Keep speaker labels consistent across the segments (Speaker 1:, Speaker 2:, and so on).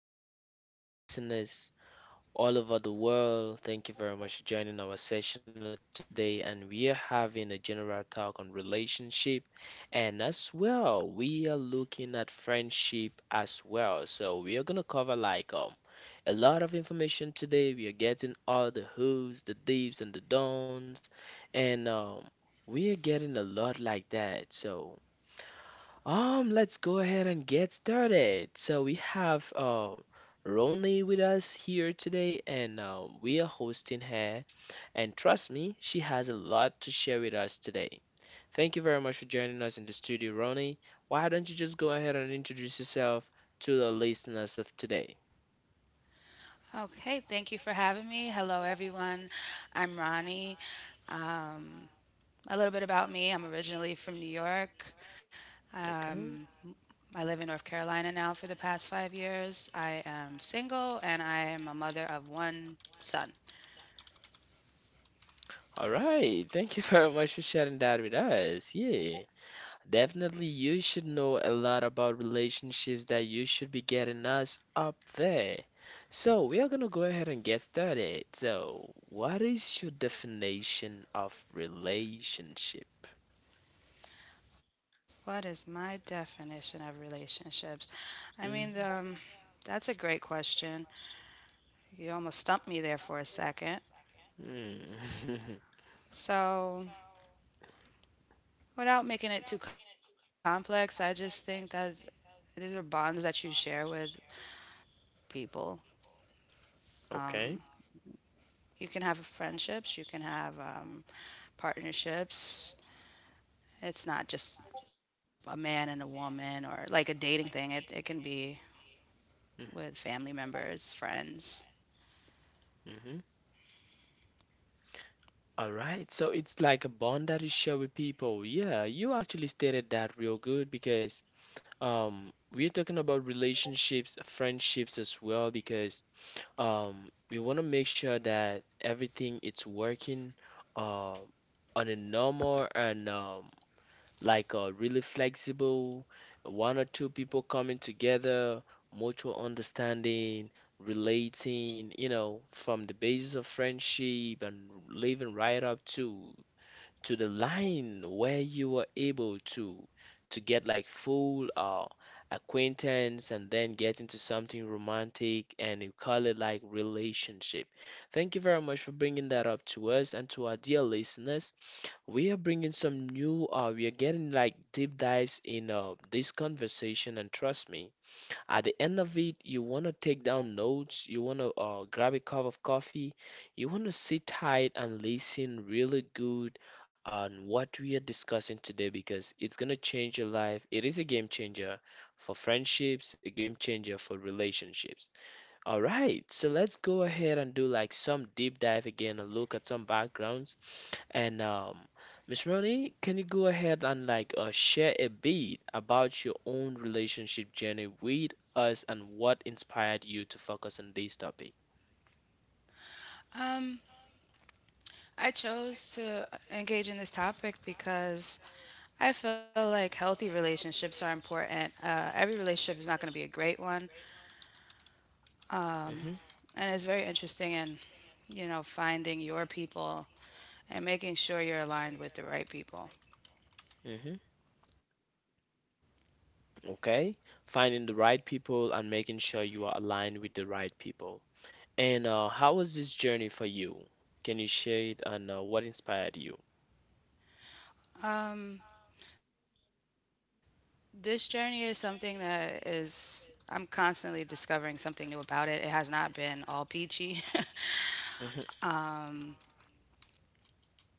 Speaker 1: today, our dear listeners all over the world. Thank you very much for joining our session of today. And we are having a general talk on relationship, and as well, we are looking at friendship as well. So we are gonna cover like a lot of information today. We are getting all the who's, the deeps, and the don'ts, and we are getting a lot like that. So. Let's go ahead and get started. So we have Ronnie with us here today, and we are hosting her. And trust me, she has a lot to share with us today. Thank you very much for joining us in the studio, Ronnie. Why don't you just go ahead and introduce yourself to the listeners of today?
Speaker 2: Okay, thank you for having me. Hello, everyone. I'm Ronnie. Um, a little bit about me, I'm originally from New York. Um,
Speaker 1: Okay.
Speaker 2: I live in North Carolina now for the past 5 years. I am single and I am a mother of one son.
Speaker 1: All right. Thank you very much for sharing that with us. Yeah. Definitely, you should know a lot about relationships that you should be getting us up there. So, we are gonna go ahead and get started. So, what is your definition of relationship?
Speaker 2: What is my definition of relationships? I mean,
Speaker 1: Mhm.
Speaker 2: that's a great question. You almost stumped me there for a second.
Speaker 1: Mm.
Speaker 2: So, without making it too complex, I just think that these are bonds that you share with people.
Speaker 1: Okay.
Speaker 2: You can have friendships, you can have partnerships. It's not just a man and a woman or like a dating thing, it can be with family members, friends.
Speaker 1: Mm-hmm. All right, so it's like a bond that you share with people. Yeah, you actually stated that real good because we're talking about relationships, friendships as well. Because we want to make sure that everything it's working, uh, on a normal and like a really flexible, one or two people coming together, mutual understanding, relating, you know, from the basis of friendship and living right up to the line where you were able to get like full acquaintance and then get into something romantic and you call it like relationship. Thank you very much for bringing that up to us and to our dear listeners. We are bringing some new we are getting like deep dives in this conversation, and trust me, at the end of it, you want to take down notes, you want to grab a cup of coffee, you want to sit tight and listen really good on what we are discussing today, because it's going to change your life. It is a game changer for friendships, a game changer for relationships. All right, so let's go ahead and do like some deep dive again and look at some backgrounds. And Miss Ronnie, can you go ahead and like share a bit about your own relationship journey with us and what inspired you to focus on this topic?
Speaker 2: Um, I chose to engage in this topic because I feel like healthy relationships are important. Every relationship is not going to be a great one,
Speaker 1: Hmm.
Speaker 2: and it's very interesting and, you know, finding your people and making sure you're aligned with the right people.
Speaker 1: Hmm. Okay, finding the right people and making sure you are aligned with the right people. And how was this journey for you? Can you share it and what inspired you?
Speaker 2: This journey is something that is, I'm constantly discovering something new about it. It has not been all peachy.
Speaker 1: Hmm,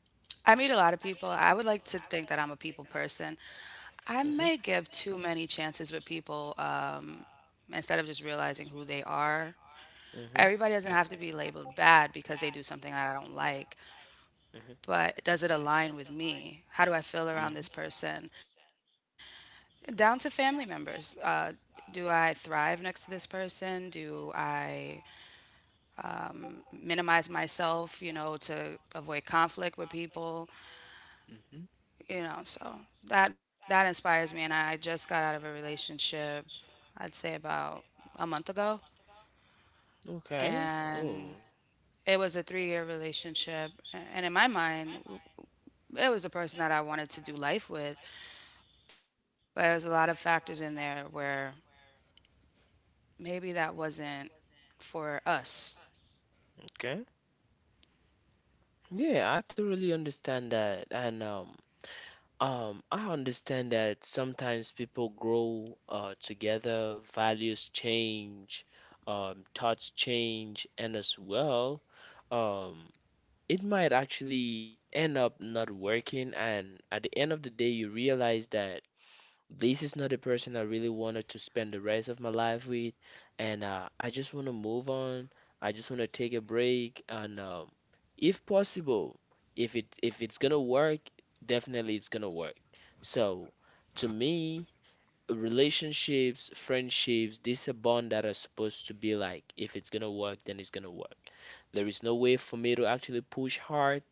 Speaker 2: I meet a lot of people. I would like to think that I'm a people person. I may
Speaker 1: hmm,
Speaker 2: give too many chances with people, instead of just realizing who they are.
Speaker 1: hmm,
Speaker 2: Everybody doesn't have to be labeled bad because they do something that I don't like,
Speaker 1: hmm,
Speaker 2: but does it align with me? How do I feel
Speaker 1: hmm,
Speaker 2: around this person? Down to family members. Do I thrive next to this person? Do I minimize myself, you know, to avoid conflict with people?
Speaker 1: hmm.
Speaker 2: You know, so that inspires me. And I just got out of a relationship, I'd say about a month ago,
Speaker 1: Okay. Oh.
Speaker 2: and it was a 3 year relationship. And in my mind, it was the person that I wanted to do life with, but there's a lot of factors in there where maybe that wasn't for us.
Speaker 1: And okay. Yeah, I thoroughly understand that. And I understand that sometimes people grow together, values change, thoughts change, and as well, um it might actually end up not working, and at the end of the day you realize that this is not the person I really wanted to spend the rest of my life with, and I just want to move on. I just want to take a break, and if possible, if it's gonna work, definitely it's gonna work. So, to me, relationships, friendships, this is a bond that are supposed to be like, if it's gonna work, then it's gonna work. There is no way for me to actually push hard,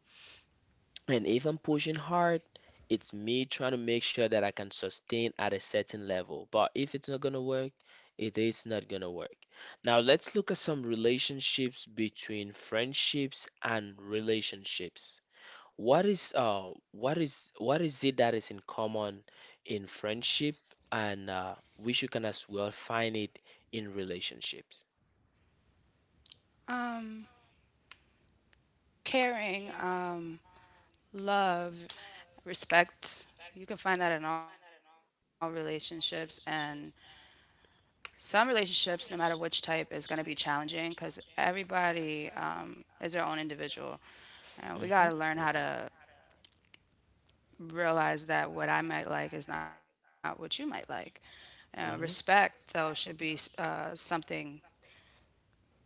Speaker 1: and if I'm pushing hard, it's me trying to make sure that I can sustain at a certain level. But if it's not gonna work, it is not gonna work. Now let's look at some relationships between friendships and relationships. What is it that is in common in friendship, and we should can as well find it in relationships.
Speaker 2: Um, caring, love, respect. You can find that in all relationships. And some relationships, no matter which type, is going to be challenging because everybody, is their own individual. And we got to
Speaker 1: Mm-hmm,
Speaker 2: learn how to realize that what I might like is not what you might like. Respect,
Speaker 1: mm-hmm,
Speaker 2: though, should be something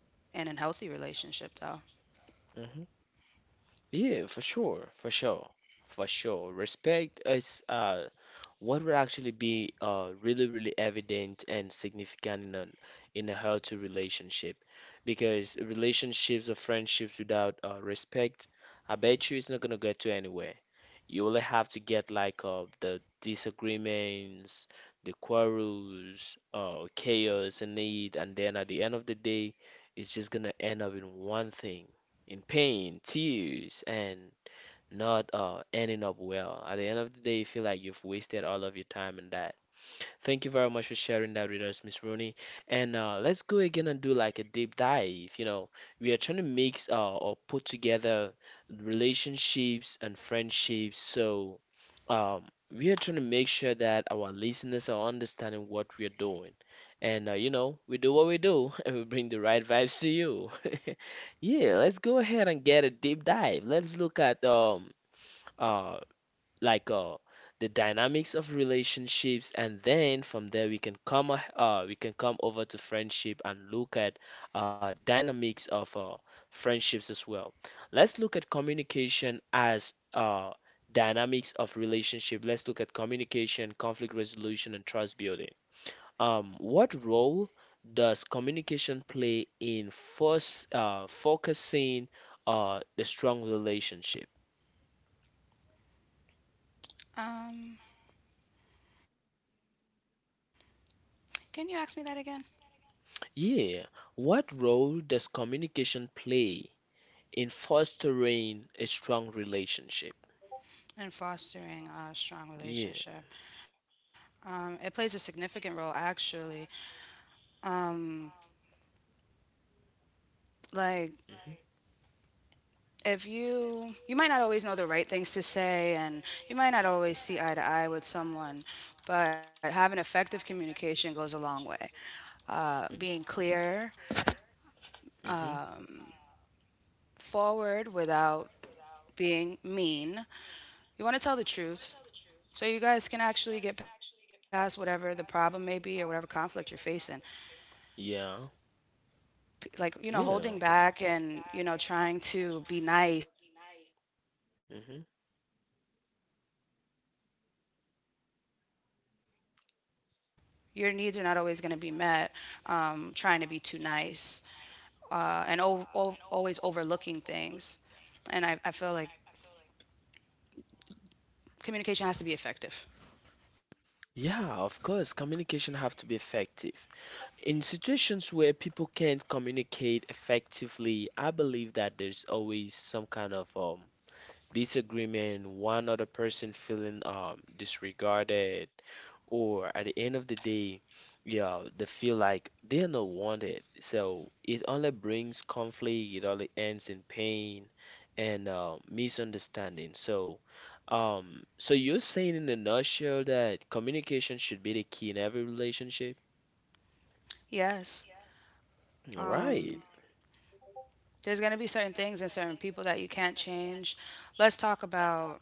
Speaker 2: in a healthy relationship, though.
Speaker 1: mm-hmm. Yeah, for sure, for sure, for sure. Respect is What would actually be really, really evident and significant in a healthy relationship? Because relationships or friendships without respect, I bet you it's not gonna get to anywhere. You only have to get like the disagreements, the quarrels, chaos and need, and then at the end of the day, it's just gonna end up in one thing, in pain, tears, and not ending up well. At the end of the day, you feel like you've wasted all of your time in that. Thank you very much for sharing that with us, Miss Rooney. And let's go again and do like a deep dive. You know, we are trying to mix or put together relationships and friendships. So um, we are trying to make sure that our listeners are understanding what we are doing. And you know, we do what we do and we bring the right vibes to you. Yeah, let's go ahead and get a deep dive. Let's look at uh, like the dynamics of relationships, and then from there we can come over to friendship and look at the dynamics of friendships as well. Let's look at communication as dynamics of relationship. Let's look at communication, conflict resolution, and trust building. What role does communication play in first focusing the strong relationship?
Speaker 2: Um, Can you ask me that again?
Speaker 1: Yeah, what role does communication play in fostering a strong relationship?
Speaker 2: In fostering a strong
Speaker 1: Yeah.
Speaker 2: relationship, it plays a significant role actually. Like,
Speaker 1: Mhm.
Speaker 2: if you might not always know the right things to say, and you might not always see eye to eye with someone, but having effective communication goes a long way.
Speaker 1: Mhm.
Speaker 2: Being clear,
Speaker 1: Mhm.
Speaker 2: forward without being mean. You want to tell the truth, so you guys can actually get past whatever the problem may be or whatever conflict you're facing.
Speaker 1: Yeah.
Speaker 2: Like, you know, holding
Speaker 1: Yeah.
Speaker 2: back and, you know, trying to be nice,
Speaker 1: Mhm.
Speaker 2: your needs are not always going to be met. Trying to be too nice, and always overlooking things, and I feel like communication has to be effective.
Speaker 1: Yeah, of course, communication have to be effective. In situations where people can't communicate effectively, I believe that there's always some kind of disagreement, one other person feeling disregarded, or at the end of the day, yeah, they feel like they're not wanted. So it only brings conflict, it only ends in pain and misunderstanding. So, so you're saying in a nutshell that communication should be the key in every relationship?
Speaker 2: Yes,
Speaker 1: All right.
Speaker 2: there's going to be certain things and certain people that you can't change. Let's talk about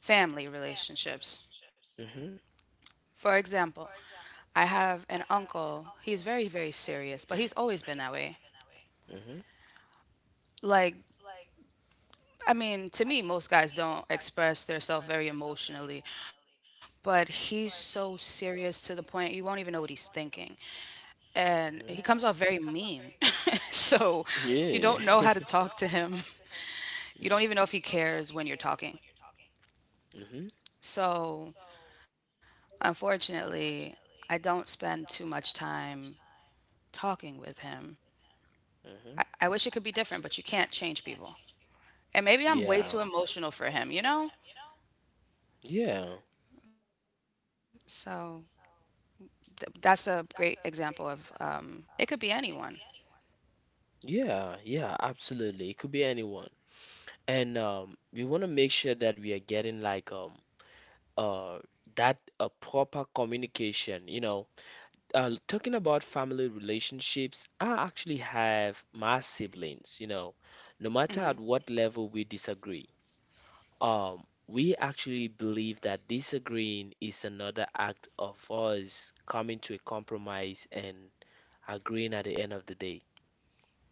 Speaker 2: family relationships,
Speaker 1: Mm-hmm.
Speaker 2: for example. I have an uncle. He's very, very serious, but he's always been that way.
Speaker 1: Mm-hmm.
Speaker 2: Like, I mean, to me, most guys don't express themselves very emotionally, but he's so serious to the point you won't even know what he's thinking. And he
Speaker 1: Hmm.
Speaker 2: comes off very mean. So you don't
Speaker 1: Yeah.
Speaker 2: know how to talk to him. You don't even know if he cares when you're talking.
Speaker 1: him. Hmm,
Speaker 2: So, unfortunately, I don't spend too much time talking with him.
Speaker 1: hmm.
Speaker 2: I wish it could be different, but you can't change people. And maybe
Speaker 1: Maybe.
Speaker 2: I'm way
Speaker 1: Yeah.
Speaker 2: too emotional for him, you know?
Speaker 1: Yeah,
Speaker 2: So, that's a great example of, it could be anyone.
Speaker 1: yeah, yeah, absolutely. It could be anyone. And we want to make sure that we are getting like uh that a proper communication. Talking about family relationships, I actually have my siblings. No matter at what level we disagree, we actually believe that disagreeing is another act of us coming to a compromise and agreeing at the end of the day,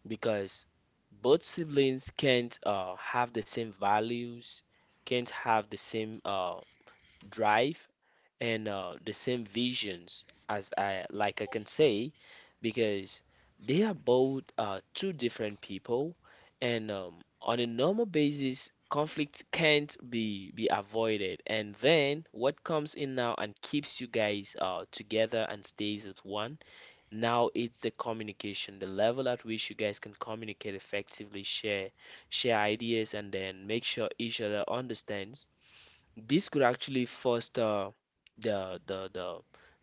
Speaker 1: because both siblings can't have the same values, can't have the same drive, and the same visions, as I, like, I can say, because they are both two different people. And on a normal basis, conflict can't be avoided, and then what comes in now and keeps you guys together and stays as one, now it's the communication, the level at which you guys can communicate effectively, share ideas, and then make sure each other understands. This could actually foster the the the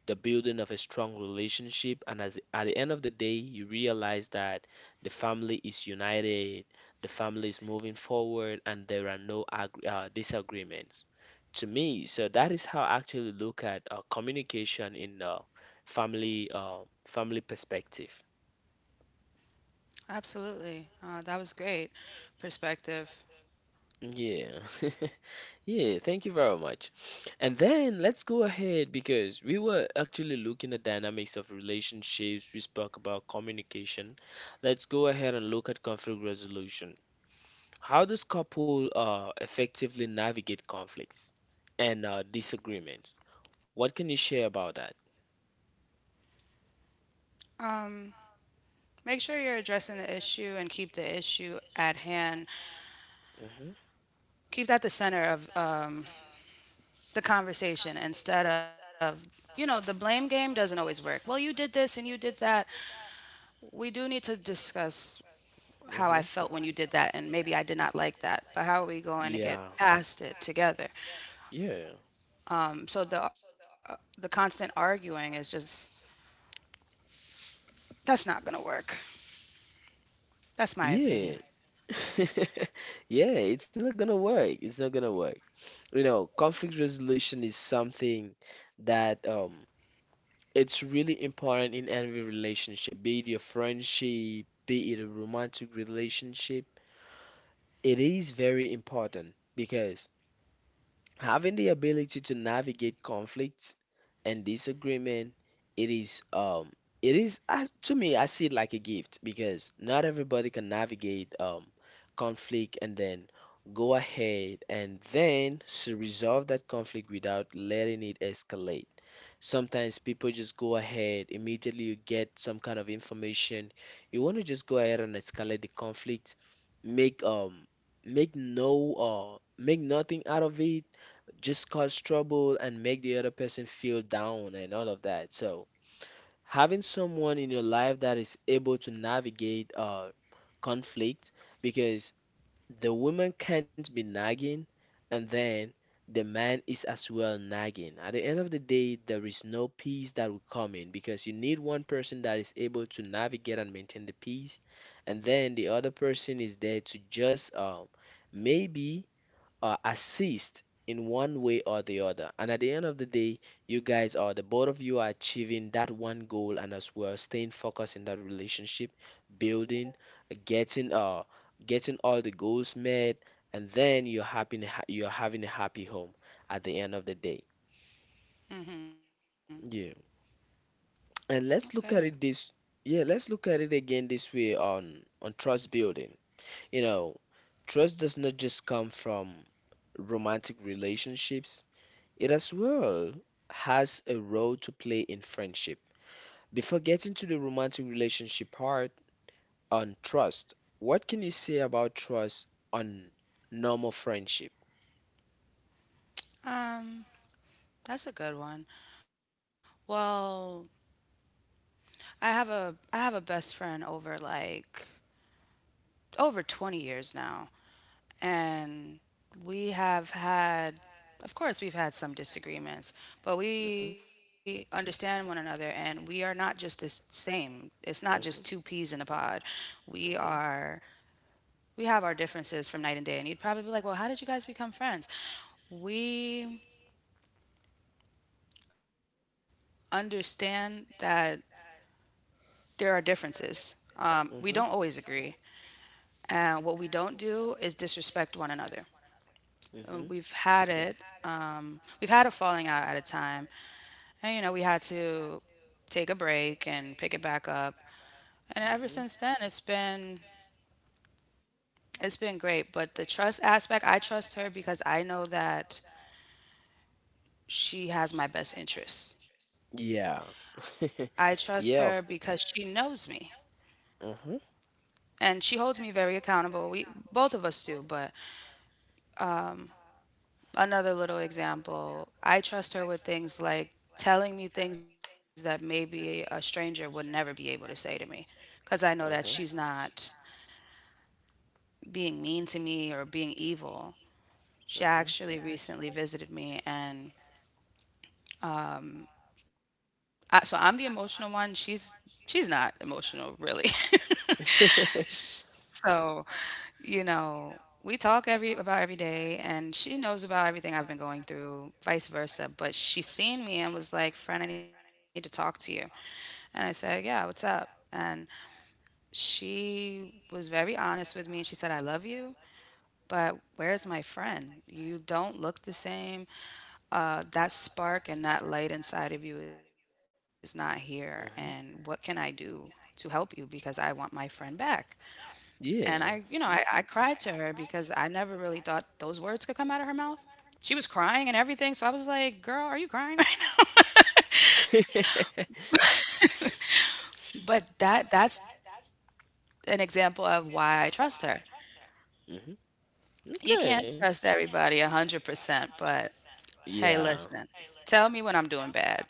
Speaker 1: the building of a strong relationship, and as at the end of the day, you realize that the family is united, the family is moving forward, and there are no disagreements. To me, so that is how I actually look at communication in family uh, family perspective.
Speaker 2: Absolutely. That was great perspective.
Speaker 1: Yeah. Yeah, thank you very much. And then let's go ahead, because we were actually looking at dynamics of relationships. We spoke about communication. Let's go ahead and look at conflict resolution. How does couple effectively navigate conflicts and disagreements? What can you share about that?
Speaker 2: Um, make sure you're addressing the issue and keep the issue at hand.
Speaker 1: Hmm,
Speaker 2: Keep that the center of, the conversation instead of, you know, the blame game doesn't always work. Well, you did this and you did that. We do need to discuss how I
Speaker 1: hmm.
Speaker 2: felt when you did that, and maybe I did not like that. But how are we going to get
Speaker 1: Yeah.
Speaker 2: past it together?
Speaker 1: Yeah.
Speaker 2: So the constant arguing is just, that's not going to work. That's my opinion.
Speaker 1: Yeah. Yeah, it's not gonna work. It's not gonna work. You know, conflict resolution is something that it's really important in every relationship, be it your friendship, be it a romantic relationship. It is very important because having the ability to navigate conflict and disagreement, it is um it is to me I see it like a gift, because not everybody can navigate conflict and then go ahead and then resolve that conflict without letting it escalate. Sometimes people just go ahead, immediately you get some kind of information, you want to just go ahead and escalate the conflict, make um make nothing out of it, just cause trouble and make the other person feel down and all of that. So, having someone in your life that is able to navigate conflict, because the woman can't be nagging and then the man is as well nagging. At the end of the day, there is no peace that will come in, because you need one person that is able to navigate and maintain the peace, and then the other person is there to just maybe assist in one way or the other. And at the end of the day, you guys are the both of you are achieving that one goal and as well staying focused in that relationship, building, getting uh getting all the goals met, and then you're having a happy home at the end of the day. Yeah. And
Speaker 2: Okay.
Speaker 1: let's look at it this yeah, let's look at it again this way on trust building. You know, trust does not just come from romantic relationships. It as well has a role to play in friendship. Before getting to the romantic relationship part on trust, what can you say about trust on normal friendship?
Speaker 2: Um, that's a good one. Well, I have a best friend over like over 20 years now, and we have had, of course we've had some disagreements, but
Speaker 1: hmm
Speaker 2: we understand one another and we are not just the same. It's not just two
Speaker 1: hmm
Speaker 2: peas in a pod. We are we have our differences from night and day, and you'd probably be like, "Well, how did you guys become friends?" We understand that there are differences. We don't
Speaker 1: hmm
Speaker 2: always agree. And what we don't do is disrespect one another.
Speaker 1: hmm hmm
Speaker 2: We've had it. We've had a falling out at a time. And, you know, we had to take a break and pick it back up. And
Speaker 1: hmm
Speaker 2: ever since then, it's been great. But the trust aspect, I trust her because I know that she has my best interests.
Speaker 1: Yeah.
Speaker 2: I trust
Speaker 1: Yeah,
Speaker 2: her
Speaker 1: of
Speaker 2: because she knows me,
Speaker 1: hmm hmm
Speaker 2: and she holds me very accountable. We both of us do, but another little example, I trust her with things like telling me things that maybe a stranger would never be able to say to me, because I know that she's not being mean to me or being evil.
Speaker 1: hmm
Speaker 2: She actually recently visited me, and I, so I'm the emotional one. She's not emotional really. So, you know, we talk every about every day, and she knows about everything I've been going through, vice versa. But she seen me and was like, "Friend, I need to talk to you." And I said, "Yeah, what's up?" And she was very honest with me, and she said, "I love you, but where's my friend? You don't look the same. That spark and that light inside of you is not here. And what can I
Speaker 1: hmm
Speaker 2: do to help you? Because I want my friend back." And I, you know,
Speaker 1: Yeah.
Speaker 2: I cried to her, because I never really thought those words could come out of her mouth. She was crying and everything. So I was like, "Girl, are you crying right now?"
Speaker 1: hmm
Speaker 2: But that's an example of why I trust her. You
Speaker 1: Okay.
Speaker 2: can't trust everybody 100%, but hey,
Speaker 1: Yeah.
Speaker 2: listen, tell me when I'm doing bad.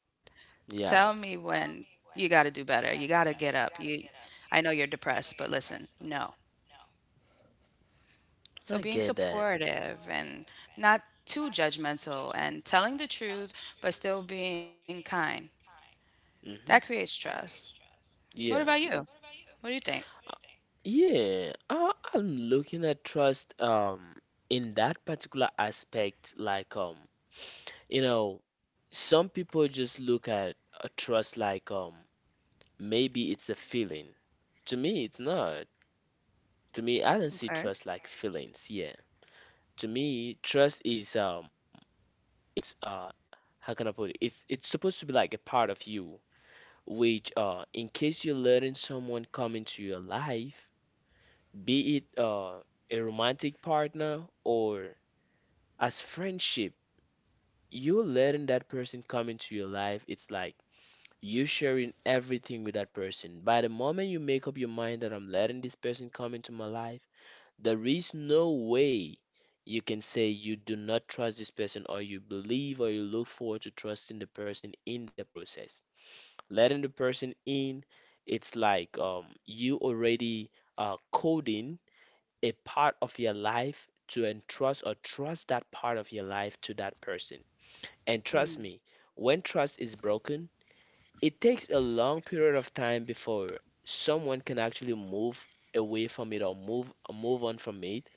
Speaker 2: Tell me
Speaker 1: Yeah.
Speaker 2: when you got to do better. You got to get up. You, I know you're depressed, but listen, no. So being
Speaker 1: I get just that.
Speaker 2: supportive and not too judgmental and telling the truth but still being kind, that
Speaker 1: And hmm
Speaker 2: creates trust. What about
Speaker 1: Yeah.
Speaker 2: you? What do you think?
Speaker 1: Yeah. I'm looking at trust in that particular aspect like you know, some people just look at a trust like maybe it's a feeling. To me it's not. To me I don't see
Speaker 2: Okay.
Speaker 1: trust like feelings. Yeah. To me trust is it's how can I put it? It's supposed to be like a part of you, which in case you're letting someone come into your life, be it a romantic partner or as friendship, you're letting that person come into your life. It's like you sharing everything with that person. By the moment you make up your mind that I'm letting this person come into my life, there is no way you can say you do not trust this person or you believe or you look forward to trusting the person in the process. Letting the person in, it's like you already are coding a part of your life to entrust or trust that part of your life to that person. And trust
Speaker 2: Mm.
Speaker 1: me, when trust is broken, it takes a long period of time before someone can actually move away from it or move on from it,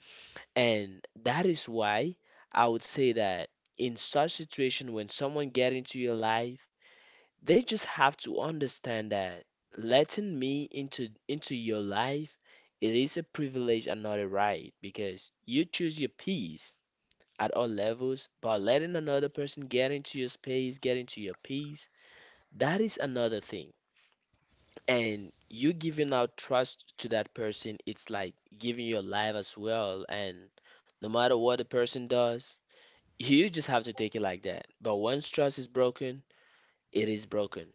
Speaker 1: and that is why I would say that in such situation when someone get into your life, they just have to understand that letting me into your life, it is a privilege and not a right because you choose your peace at all levels, but letting another person get into your space, get into your peace, that is another thing. And you giving out trust to that person, it's like giving your life as well. And no matter what the person does, you just have to take it like that. But once trust is broken, it is broken.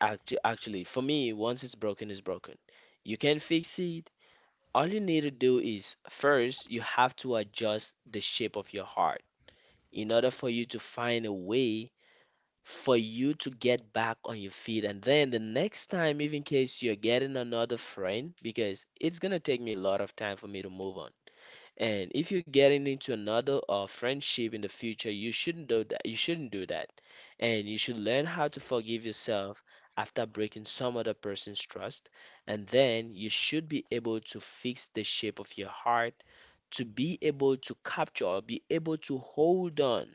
Speaker 1: Actually, for me, once it's broken, it's broken. You can fix it. All you need to do is first, you have to adjust the shape of your heart in order for you to find a way for you to get back on your feet. And then the next time, even in case you're getting another friend, because it's gonna take me a lot of time for me to move on. And if you're getting into another friendship in the future, you shouldn't do that. You shouldn't do that. And you should learn how to forgive yourself after breaking some other person's trust. And then you should be able to fix the shape of your heart to be able to capture or be able to hold on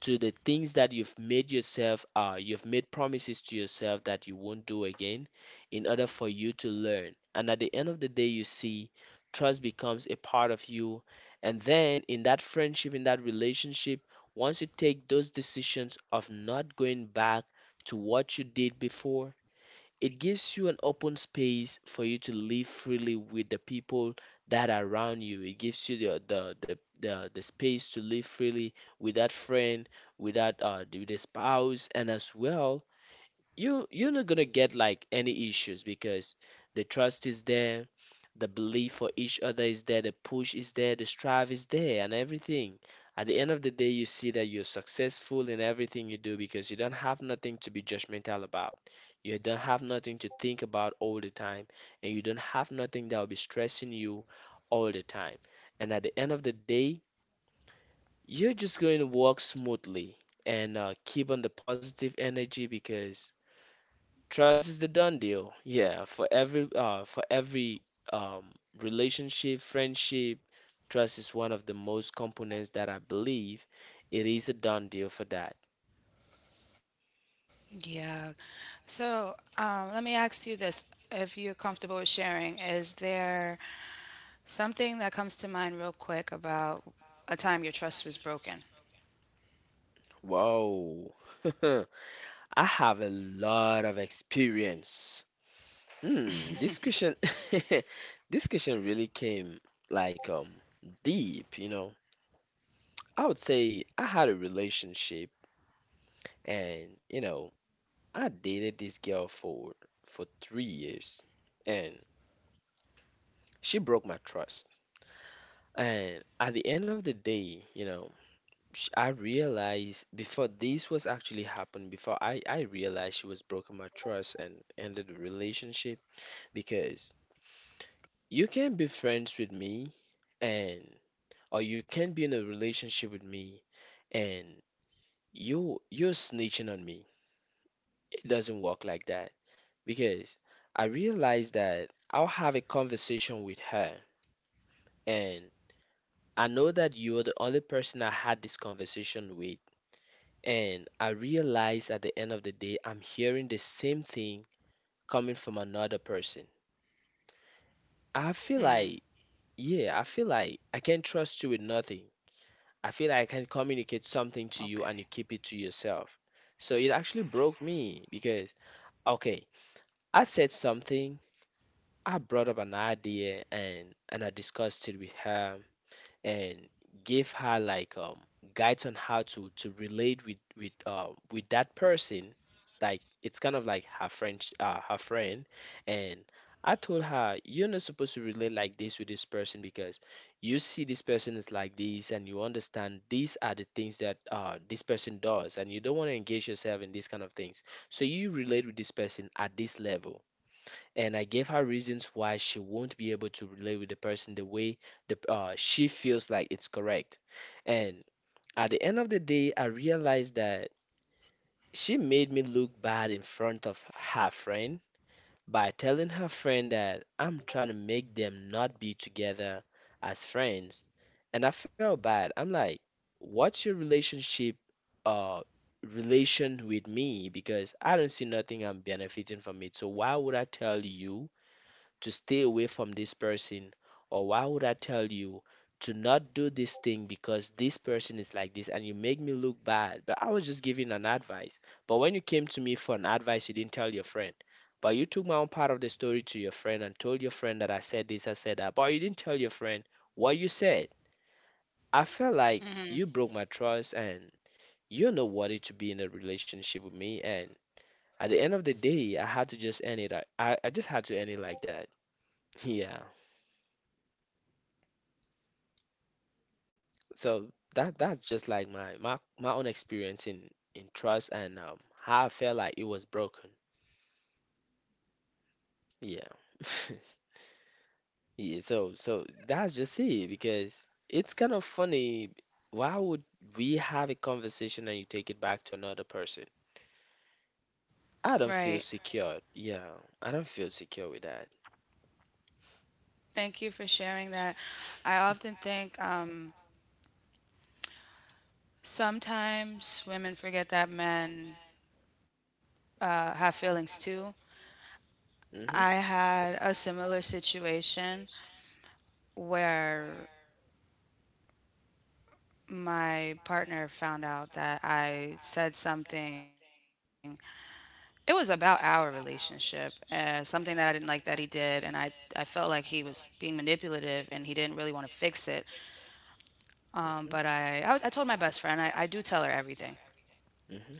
Speaker 1: to the things that you've made yourself you've made promises to yourself that you won't do again in order for you to learn, and at the end of the day you see trust becomes a part of you, and then in that friendship in that relationship, once you take those decisions of not going back to what you did before, it gives you an open space for you to live freely with the people that are around you. It gives you the space to live freely with that friend, with that with the spouse, and as well you're not gonna get like any issues because the trust is there, the belief for each other is there, the push is there, the strive is there, and everything. At the end of the day, you see that you're successful in everything you do because you don't have nothing to be judgmental about. You don't have nothing to think about all the time, and you don't have nothing that will be stressing you all the time. And at the end of the day, you're just going to walk smoothly and keep on the positive energy because trust is the done deal. Yeah, for every um relationship, friendship, trust is one of the most components that I believe it is a done deal for that.
Speaker 2: Yeah. So, let me ask you this. If you're comfortable with sharing, is there something that comes to mind real quick about a time your trust was broken?
Speaker 1: Whoa. I have a lot of experience. Hmm, this question this question really came like deep, you know. I would say I had a relationship, and you know, I dated this girl for 3 years, and she broke my trust. And at the end of the day, you know, sh I realized before this was actually happened, before I realized she was broken my trust and ended the relationship, because you can be friends with me and or you can be in a relationship with me and you're snitching on me. It doesn't work like that, because I realized that I'll have a conversation with her, and I know that you're the only person I had this conversation with. And I realize at the end of the day, I'm hearing the same thing coming from another person. I
Speaker 2: Mm-hmm.
Speaker 1: feel like, yeah, I feel like I can't trust you with nothing. I feel like I can communicate something to you and
Speaker 2: Okay.
Speaker 1: you keep it to yourself. So it actually broke me because, okay, I said something, I brought up an idea and I discussed it with her and gave her like guides on how to relate with with that person. Like it's kind of like her friend, and I told her you're not supposed to relate like this with this person because you see this person is like this and you understand these are the things that this person does and you don't want to engage yourself in these kind of things. So you relate with this person at this level, and I gave her reasons why she won't be able to relate with the person the way the she feels like it's correct. And at the end of the day, I realized that she made me look bad in front of her friend by telling her friend that I'm trying to make them not be together as friends. And I felt bad. I'm like, what's your uh relation with me? Because I don't see nothing I'm benefiting from it. So why would I tell you to stay away from this person? Or why would I tell you to not do this thing because this person is like this and you make me look bad? But I was just giving an advice. But when you came to me for an advice, you didn't tell your friend. But you took my own part of the story to your friend and told your friend that I said this, I said that. But you didn't tell your friend what you said. I felt like
Speaker 2: Mm-hmm.
Speaker 1: you broke my trust and you're not worthy to be in a relationship with me. And at the end of the day, I had to just end it. I just had to end it like that. Yeah. So that's just like my own experience in trust and how I felt like it was broken. Yeah. Yeah, so that's just it because it's kind of funny. Why would we have a conversation and you take it back to another person?
Speaker 2: Right.
Speaker 1: I don't feel secure. Yeah, I don't feel secure with that.
Speaker 2: Thank you for sharing that. I often think, sometimes women forget that men, have feelings too.
Speaker 1: Mm-hmm.
Speaker 2: I had a similar situation where my partner found out that I said something. It was about our relationship, something that I didn't like that he did, and I felt like he was being manipulative and he didn't really want to fix it.
Speaker 1: Mm-hmm.
Speaker 2: But I told my best friend. I do tell her everything.
Speaker 1: Mm-hmm.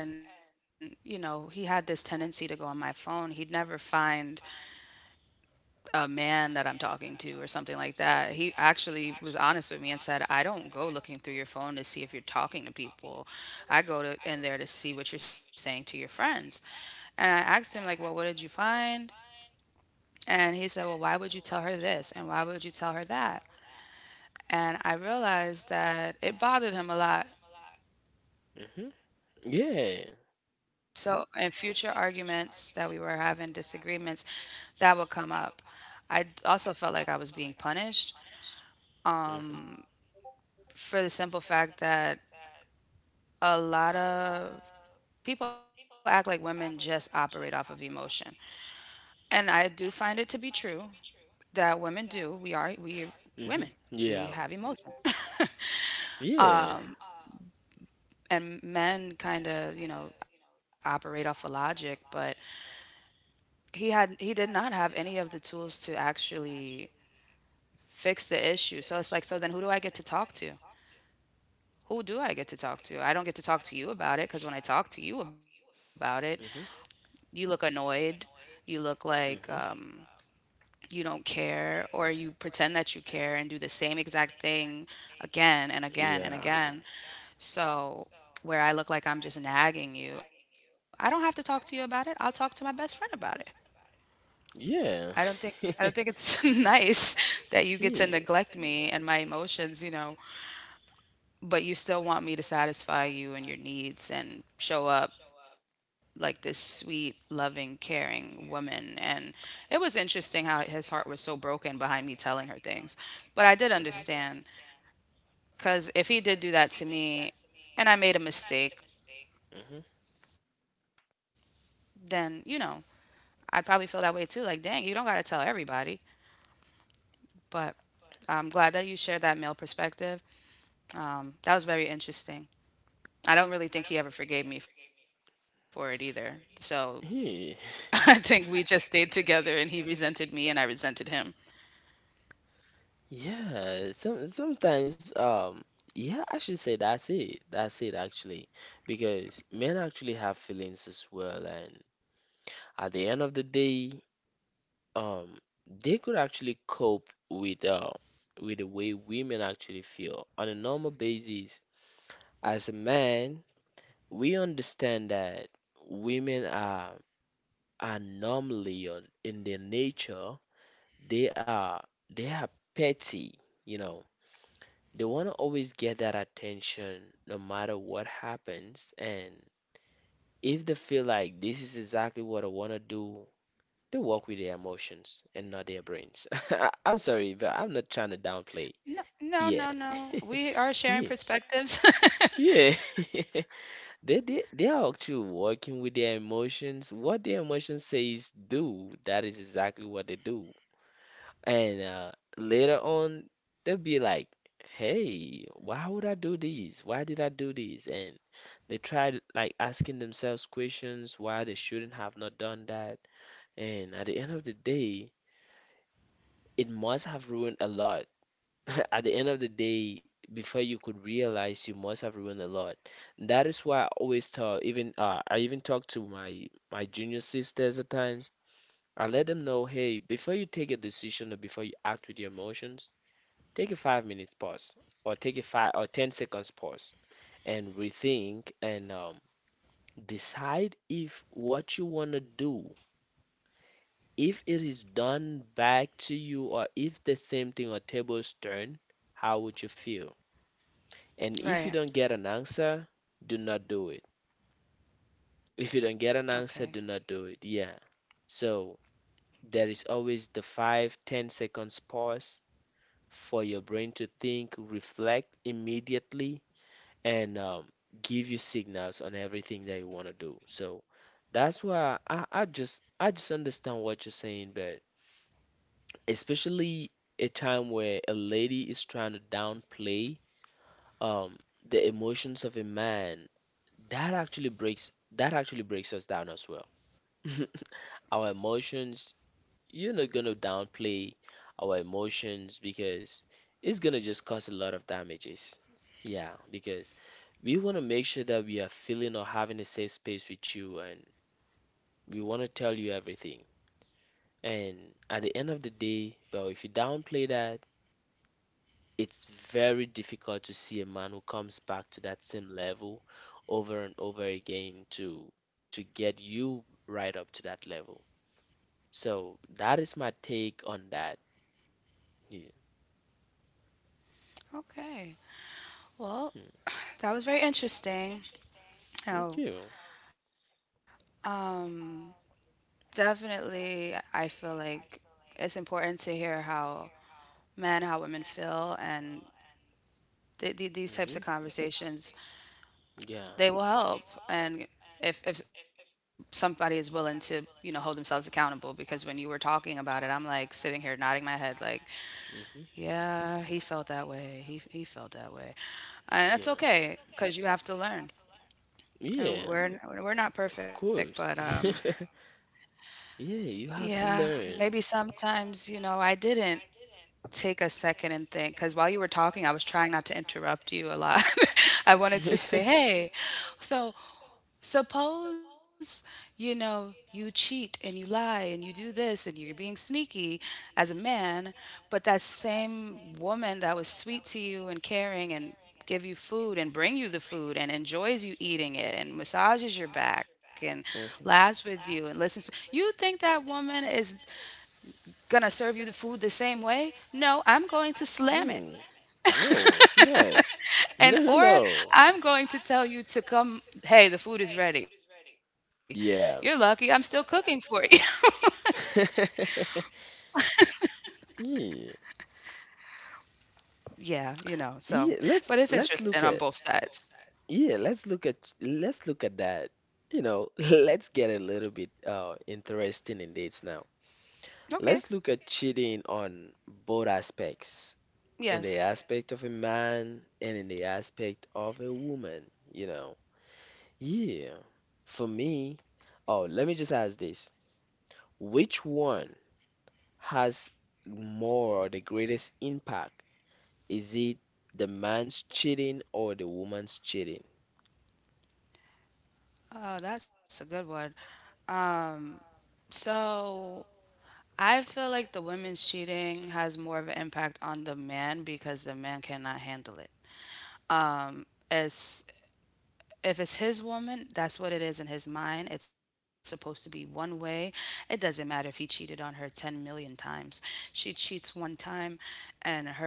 Speaker 2: And, you know, he had this tendency to go on my phone. He'd never find a man that I'm talking to or something like that. He actually was honest with me and said, "I don't go looking through your phone to see if you're talking to people. I go to in there to see what you're saying to your friends." And I asked him like, "Well, what did you find?" And he said, "Well, why would you tell her this and why would you tell her that?" And I realized that it bothered him a lot.
Speaker 1: Mm-hmm. Yeah.
Speaker 2: So, in future arguments that we were having, disagreements, that would come up. I also felt like I was being punished
Speaker 1: Mm-hmm.
Speaker 2: for the simple fact that a lot of people act like women just operate off of emotion. And I do find it to be true that women do. We
Speaker 1: Mm-hmm.
Speaker 2: women. We
Speaker 1: Yeah.
Speaker 2: have emotion.
Speaker 1: Yeah.
Speaker 2: And men kind of, you know, operate off of logic, but he did not have any of the tools to actually fix the issue. So it's like, so then who do I get to talk to? Who do I get to talk to? I don't get to talk to you about it, because when I talk to you about it,
Speaker 1: Mm-hmm.
Speaker 2: you look annoyed. You look like,
Speaker 1: Mm-hmm.
Speaker 2: you don't care, or you pretend that you care and do the same exact thing again and
Speaker 1: Yeah.
Speaker 2: again and again. So, where I look like I'm just nagging you, I don't have to talk to you about it. I'll talk to my best friend about it.
Speaker 1: Yeah.
Speaker 2: I don't think I don't think it's nice that you get to
Speaker 1: Yeah.
Speaker 2: neglect me and my emotions, you know, but you still want me to satisfy you and your needs and show up like this sweet, loving, caring woman. And it was interesting how his heart was so broken behind me telling her things. But I did
Speaker 1: Mhm.
Speaker 2: understand because if he did do that to me and I made a mistake, then, you know, I'd probably feel that way too. Like, dang, you don't got to tell everybody. But I'm glad that you shared that male perspective. That was very interesting. I don't really think he ever forgave me for it either. So
Speaker 1: Mhm. Yeah.
Speaker 2: I think we just stayed together and he resented me and I resented him.
Speaker 1: Yeah, sometimes yeah, I should say that's it. That's it actually. Because men actually have feelings as well, and at the end of the day, um they could actually cope with the way women actually feel on a normal basis. As a man, we understand that women are normally or in their nature, they are they are petty, you know. They want to always get that attention no matter what happens. And if they feel like this is exactly what I want to do, they work with their emotions and not their brains. I'm sorry, but I'm not trying to downplay.
Speaker 2: No, no,
Speaker 1: Yeah.
Speaker 2: no, no. We are sharing perspectives.
Speaker 1: Yeah. Yeah. They they are actually working with their emotions. What their emotions says do, that is exactly what they do. And later on, they'll be like, "Hey, why would I do this? "Why did I do this?" And they try like asking themselves questions why they shouldn't have not done that. And at the end of the day, it must have ruined a lot. At the end of the day, before you could realize, you must have ruined a lot. That is why I always tell, even I even talk to my junior sisters at times. I let them know, hey, before you take a decision or before you act with your emotions, take a 5-minute pause or take a 5 or 10 seconds pause and rethink and decide if what you want to do, if it is done back to you or if the same thing or tables turn, how would you feel? And if
Speaker 2: Right.
Speaker 1: you don't get an answer, do not do it. If you don't
Speaker 2: Okay.
Speaker 1: get an answer, do not do it. Yeah. So there is always the five, 10 seconds pause for your brain to think, reflect immediately, and give you signals on everything that you want to do. So that's why I just understand what you're saying, but especially a time where a lady is trying to downplay um the emotions of a man. That actually breaks us down as well. Our emotions, you're not gonna downplay our emotions because it's gonna just cause a lot of damages. Yeah, because we wanna make sure that we are feeling or having a safe space with you and we wanna tell you everything. And at the end of the day, well, if you downplay that, it's very difficult to see a man who comes back to that same level over and over again to get you right up to that level. So that is my take on that. Yeah.
Speaker 2: Okay.
Speaker 1: Hmm.
Speaker 2: Well, that was very interesting.
Speaker 1: Thank
Speaker 2: Now,
Speaker 1: you.
Speaker 2: um, definitely, I feel like it's important to hear how men, how women feel, and these
Speaker 1: Hmm.
Speaker 2: types of
Speaker 1: Yeah. Hmm.
Speaker 2: conversations, they will help. And if somebody is willing to, you know, hold themselves accountable, because when you were talking about it, I'm like sitting here nodding my head, like, yeah, he felt that way. He felt that way, and that's okay because you have to learn.
Speaker 1: Yeah.
Speaker 2: And
Speaker 1: Yeah.
Speaker 2: we're not
Speaker 1: Of
Speaker 2: perfect, but
Speaker 1: course. Yeah, you have
Speaker 2: yeah,
Speaker 1: to
Speaker 2: maybe
Speaker 1: learn.
Speaker 2: sometimes you know I didn't take a second and think because while you were talking, I was trying not to interrupt you a lot. I wanted to
Speaker 1: Mhm.
Speaker 2: say, hey, so suppose, you know, you cheat and you lie and you do this and you're being sneaky as a man, but that same woman that was sweet to you and caring and give you food and bring you the food and enjoys you eating it and massages your back and
Speaker 1: Mhm.
Speaker 2: laughs with you and listens, you think that woman is gonna serve you the food the same way? No, I'm going to slam it
Speaker 1: Hmm. No, it's not. No, no,
Speaker 2: and or
Speaker 1: no.
Speaker 2: I'm going to tell you to come, hey, the food is ready. You're
Speaker 1: Yeah.
Speaker 2: lucky I'm still cooking for you.
Speaker 1: Yeah.
Speaker 2: Yeah, you know,
Speaker 1: Yeah, so
Speaker 2: so
Speaker 1: let's
Speaker 2: but
Speaker 1: let's
Speaker 2: it's
Speaker 1: look at,
Speaker 2: interesting on both sides.
Speaker 1: yeah, let's look at that. You know, let's get a little bit interesting in dates now. Let's look at
Speaker 2: Okay.
Speaker 1: cheating on both aspects, in the aspect, yes,
Speaker 2: Yes.
Speaker 1: of a man and in the aspect of a woman, you know. Yeah. For me, oh, let me just ask this. Which one has more or the greatest impact? Is it the man's cheating or the woman's cheating?
Speaker 2: Oh, that's a good one. Um, so I feel like the women's cheating has more of an impact on the man because the man cannot handle it. As if it's his woman, that's what it is in his mind. It's supposed to be one way. It doesn't matter if he cheated on her 10 million times. She cheats one time and her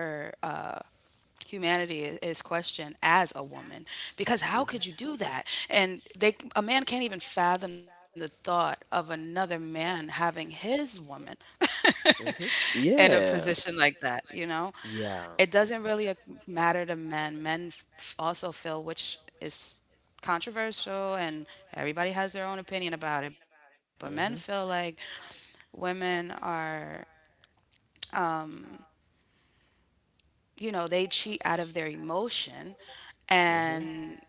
Speaker 2: humanity is questioned as a woman, because how
Speaker 1: Hmm.
Speaker 2: could you do that? And they, a man can't even fathom the thought of another man having his woman
Speaker 1: Hmm.
Speaker 2: in a position
Speaker 1: Yeah.
Speaker 2: like that, you know. It
Speaker 1: Yeah.
Speaker 2: doesn't really matter to men. Men also feel, which is controversial, and everybody has their own opinion about it, but men feel like
Speaker 1: Hmm.
Speaker 2: women are, you know, they cheat out of their emotion,
Speaker 1: Hmm.
Speaker 2: and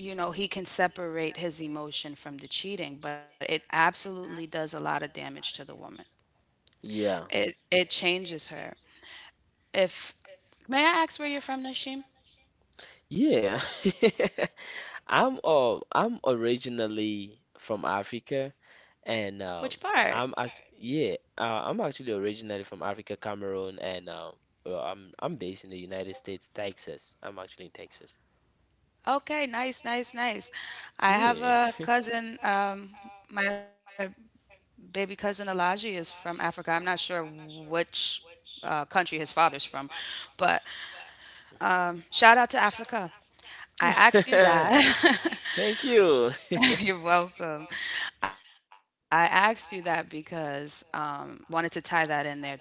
Speaker 2: you know, he can separate his emotion from the cheating, but it absolutely does a lot of damage to the woman.
Speaker 1: Yeah.
Speaker 2: It changes her. If may I ask where you're from, Nashim?
Speaker 1: Yeah. I'm originally from Africa,
Speaker 2: Which
Speaker 1: and
Speaker 2: part?
Speaker 1: I'm act yeah, I'm actually originally from Africa, Cameroon, and well, I'm based in the United States, Texas. I'm actually in Texas.
Speaker 2: Okay, nice, nice, nice. I have
Speaker 1: Yeah.
Speaker 2: a cousin, my baby cousin Elijah is from Africa. I'm not sure which country his father's from, but shout out to Africa. I asked you that.
Speaker 1: Thank you.
Speaker 2: You're welcome. I asked you that because wanted to tie that in there too.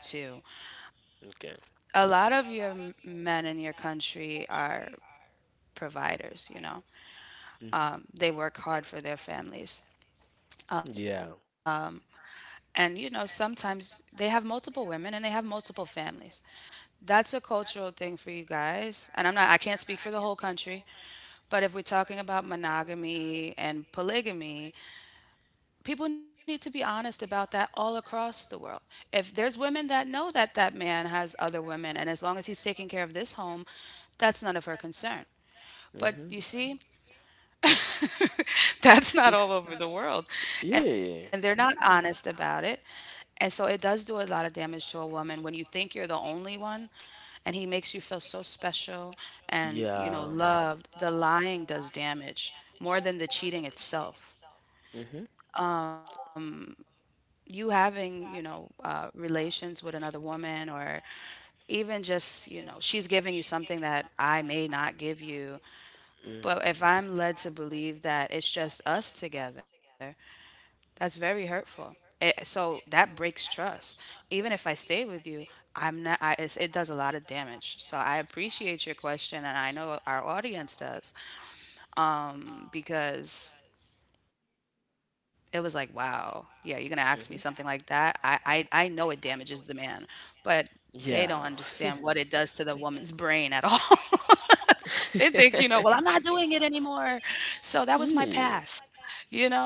Speaker 1: Okay.
Speaker 2: A lot of your men in your country are providers, you know.
Speaker 1: Hmm.
Speaker 2: They work hard for their families.
Speaker 1: Yeah.
Speaker 2: And you know, sometimes they have multiple women and they have multiple families. That's a cultural thing for you guys. And I can't speak for the whole country, but if we're talking about monogamy and polygamy, people need to be honest about that all across the world. If there's women that know that that man has other women, and as long as he's taking care of this home, that's none of her concern. But
Speaker 1: Hmm.
Speaker 2: you see, that's not all over the world, and they're not
Speaker 1: Yeah.
Speaker 2: honest about it. And so it does do a lot of damage to a woman when you think you're the only one and he makes you feel so special and you know
Speaker 1: Yeah.
Speaker 2: loved. The lying does damage more than the cheating itself,
Speaker 1: Hmm.
Speaker 2: you having, you know, relations with another woman, or even just, you know, she's giving you something that I may not give you.
Speaker 1: Hmm.
Speaker 2: But if I'm led to believe that it's just us together, that's very hurtful. So that breaks trust. Even if I stay with you, I'm not. I, it's, it does a lot of damage. So I appreciate your question, and I know our audience does, because it was like, wow, yeah, you're gonna ask me something like that.
Speaker 1: Hmm. You're.
Speaker 2: I know it damages the man,
Speaker 1: I.
Speaker 2: but they don't
Speaker 1: Yeah.
Speaker 2: understand what it
Speaker 1: Don't.
Speaker 2: does to the woman's brain at all. They think, you know, well, I'm not doing it anymore. So that was my
Speaker 1: Hmm.
Speaker 2: past. You know,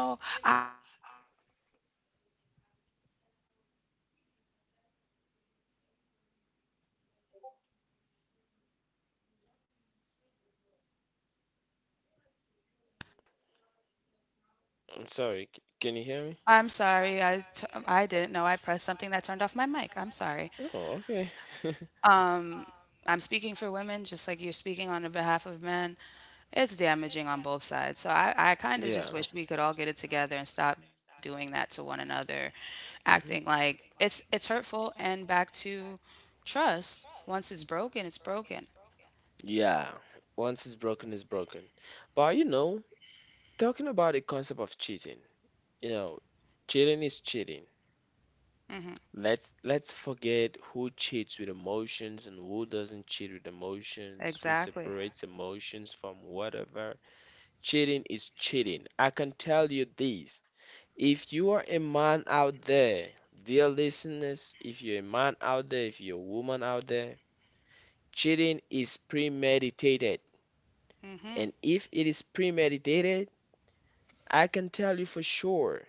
Speaker 1: I'm sorry. Can you hear me?
Speaker 2: I'm sorry. I didn't know I pressed something that turned off my mic. I'm sorry.
Speaker 1: Okay.
Speaker 2: Um, I'm speaking for women, just like you're speaking on the behalf of men. It's damaging on both sides. So I kind of just wish we could all get it together and stop doing that to one another, acting
Speaker 1: Hmm.
Speaker 2: like it's hurtful. And back to trust. Once it's broken, it's broken.
Speaker 1: Yeah. Once it's broken, it's broken. But you know, talking about the concept of cheating. You know, cheating is cheating. Let's forget who cheats with emotions and who doesn't cheat with emotions, who
Speaker 2: Exactly.
Speaker 1: separates emotions from whatever. Cheating is cheating. I can tell you this. If you are a man out there, dear listeners, if you're a man out there, if you're a woman out there, cheating is premeditated. And if it is premeditated, I can tell you for sure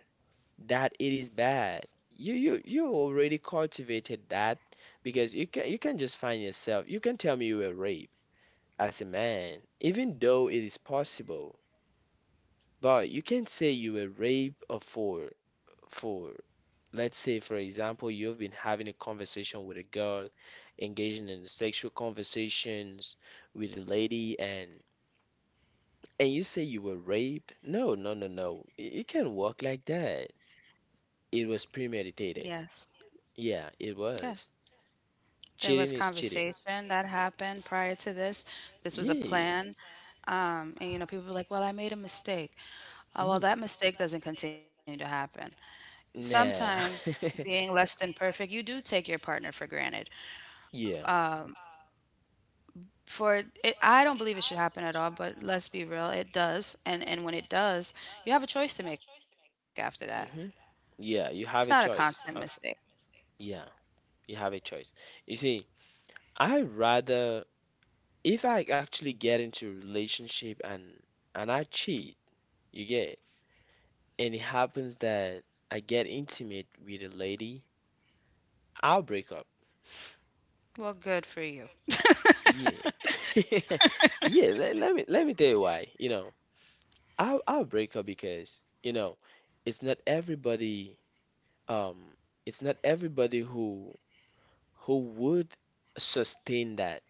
Speaker 1: that it is bad. You already cultivated that because you can just find yourself. You can tell me you were raped as a man, even though it is possible. But you can not say you were raped or for for let's say, for example, you've been having a conversation with a girl, engaging in sexual conversations with a lady and you say you were raped? No, no, no, no. It can't work like that. It was
Speaker 2: Yes.
Speaker 1: premeditated. Yeah, it
Speaker 2: Yes.
Speaker 1: was.
Speaker 2: There was
Speaker 1: Cheating is cheating.
Speaker 2: conversation that happened prior to this. This was a
Speaker 1: Yeah.
Speaker 2: plan. And you know, people were like, "Well, I made a mistake." Well,
Speaker 1: Mm.
Speaker 2: that mistake doesn't continue to happen.
Speaker 1: Nah.
Speaker 2: Sometimes being less than perfect, you do take your partner for granted.
Speaker 1: Yeah.
Speaker 2: For I don't believe it should happen at all, but let's be real, it does. And when it does, you have a choice to make after that.
Speaker 1: Hmm.
Speaker 2: It's not a
Speaker 1: Yeah, you have
Speaker 2: constant
Speaker 1: a
Speaker 2: mistake.
Speaker 1: choice of, yeah, you have a choice. You see, I rather if I actually get into a relationship and I cheat, you get, and it happens that I get intimate with a lady, I'll break up.
Speaker 2: Well, good for you.
Speaker 1: Yeah. Yeah, let me tell you why. You know, I'll break up because, you know, it's not everybody um it's not everybody who would sustain that.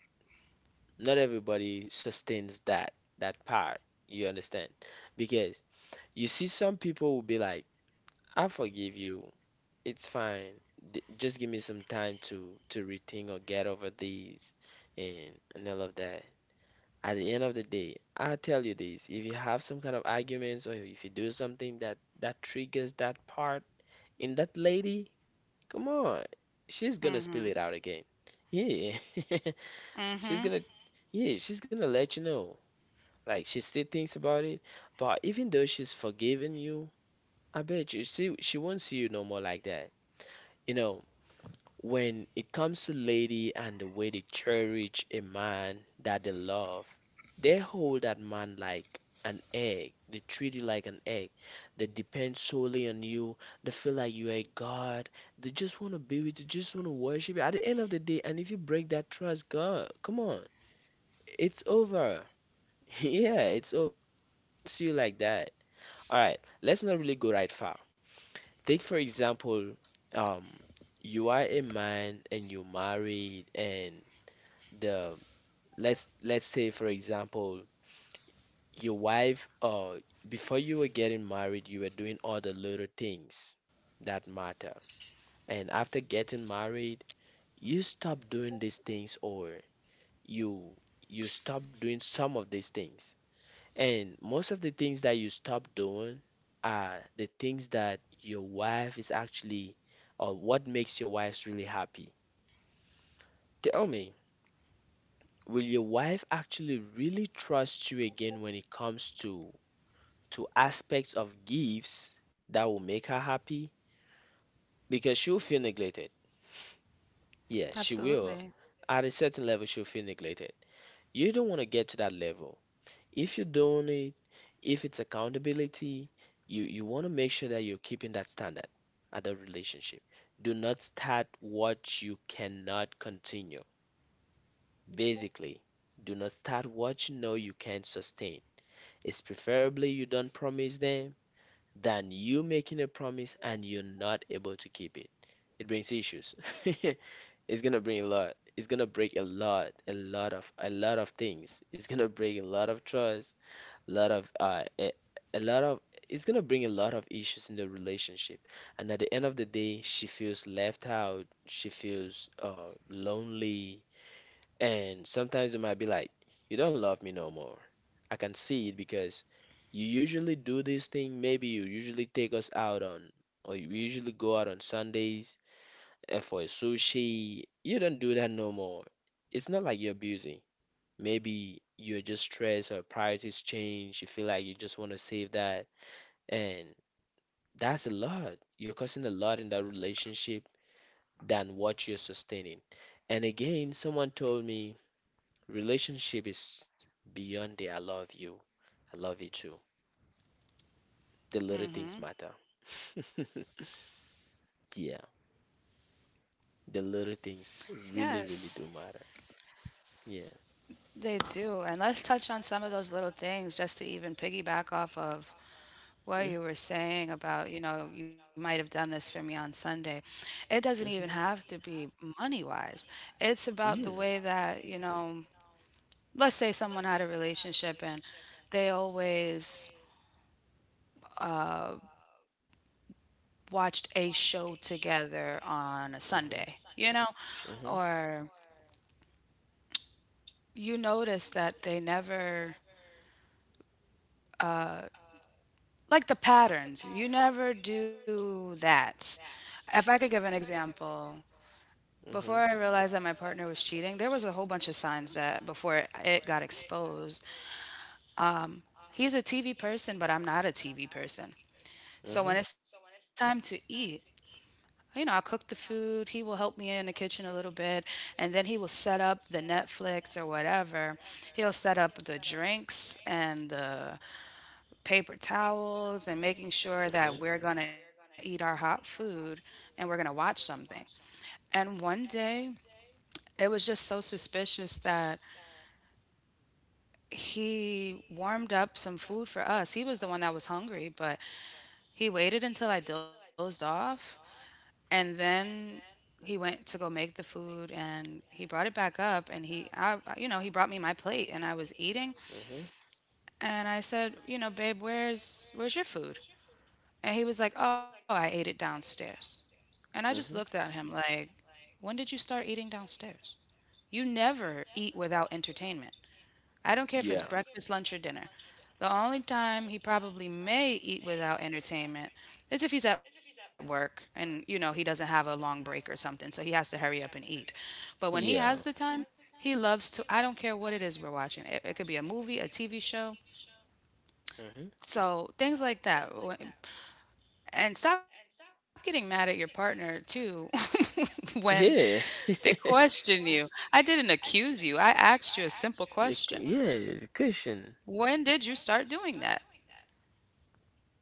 Speaker 1: Not everybody sustains that part. You understand? Because you see, some people will be like, "I forgive you. It's fine. D Just give me some time to rethink or get over these and all of that." At the end of the day, I tell you this, if you have some kind of arguments or if you do something that triggers that part in that lady, come on, she's gonna spill it out again. Yeah. She's
Speaker 2: Hmm.
Speaker 1: gonna, yeah, she's gonna let you know. Like, she still thinks about it, but even though she's forgiven you, I bet you see she won't see you no more like that. You know, when it comes to lady and the way they cherish a man that they love, they hold that man like an egg. They treat you like an egg. They depend solely on you. They feel like you are a god. They just want to be with you, just want to worship you. At the end of the day, and if you break that trust, God, come on, it's over. Yeah, it's over. They won't see you like that. All right, let's not really go right far. Take, for example, um, you are a man and you're married, and the let's say, for example, your wife, before you were getting married, you were doing all the little things that matter, and after getting married, you stop doing these things, or you you stop doing some of these things. And most of the things that you stop doing are the things that your wife is actually, or what makes your wife really happy. Tell me, will your wife actually really trust you again when it comes to aspects of gifts that will make her happy? Because she'll feel neglected. Yeah, she
Speaker 2: Absolutely.
Speaker 1: will. At a certain level, she'll feel neglected. You don't want to get to that level. If you're doing it, if it's accountability, you want to make sure that you're keeping that standard at the relationship. Do not start what you cannot continue. Basically, do not start what you know you can't sustain. It's preferably you don't promise them than you making a promise and you're not able to keep it. It brings issues. It's gonna bring a lot. It's gonna break a lot, a lot of things. It's gonna break a lot of trust, lot of a lot of it's gonna bring a lot of issues in the relationship. And at the end of the day, she feels left out, she feels lonely, and sometimes it might be like, you don't love me no more. I can see it because you usually do this thing, maybe you usually take us out on, or you usually go out on Sundays, for sushi. You don't do that no more. It's not like you're busy. Maybe you're just stressed or priorities change. You feel like you just want to save that. And that's a lot. You're costing a lot in that relationship than what you're sustaining. And again, someone told me relationship is beyond the I love you, I love you too. The little things matter. Yeah, the little
Speaker 2: Yes.
Speaker 1: things really, really do matter.
Speaker 2: They
Speaker 1: Yeah.
Speaker 2: do. And let's touch on some of those little things just to even piggyback off of what you were
Speaker 1: Mm,
Speaker 2: saying about, you know, you might have done this for me on Sunday. It doesn't even have
Speaker 1: mhm.
Speaker 2: to be money wise. It's about the way
Speaker 1: Mm.
Speaker 2: that, you know, let's say someone had a relationship and they always watched a show together on a Sunday, you know,
Speaker 1: Mhm.
Speaker 2: or you notice that they never, like the patterns. You never do that. If I could give an example, before
Speaker 1: Mhm.
Speaker 2: I realized that my partner was cheating, there was a whole bunch of signs that before it got exposed. He's a TV person, but I'm not a TV person. So
Speaker 1: Mhm.
Speaker 2: when it's time to eat, you know, I'll cook the food. He will help me in the kitchen a little bit, and then he will set up the Netflix or whatever. He'll set up the drinks and the paper towels and making sure that we're going to eat our hot food and we're going to watch something. And one day, it was just so suspicious that he warmed up some food for us. He was the one that was hungry, but he waited until I dozed off and then he went to go make the food and he brought it back up and you know, he brought me my plate and I was eating, and I said, you know, babe, where's your food? And he was like, "Oh, I ate it downstairs." And I just looked
Speaker 1: Mhm.
Speaker 2: at
Speaker 1: Mhm.
Speaker 2: him like, when did you start eating downstairs? You never eat without entertainment. I don't care
Speaker 1: I.
Speaker 2: if it's
Speaker 1: Yeah.
Speaker 2: breakfast, lunch, or dinner. The only time he probably may eat without entertainment is if he's at work and, you know, he doesn't have a long break or something, so he has to hurry up and eat. But when he has the
Speaker 1: Yeah.
Speaker 2: time, he loves to, I don't care what it is we're watching. It could be a movie, a TV show.
Speaker 1: Mhm.
Speaker 2: So things like that. And stop getting mad at your partner too when they
Speaker 1: Yeah.
Speaker 2: question you. I didn't accuse you. I asked you a simple question.
Speaker 1: Cushion.
Speaker 2: When did you start doing that?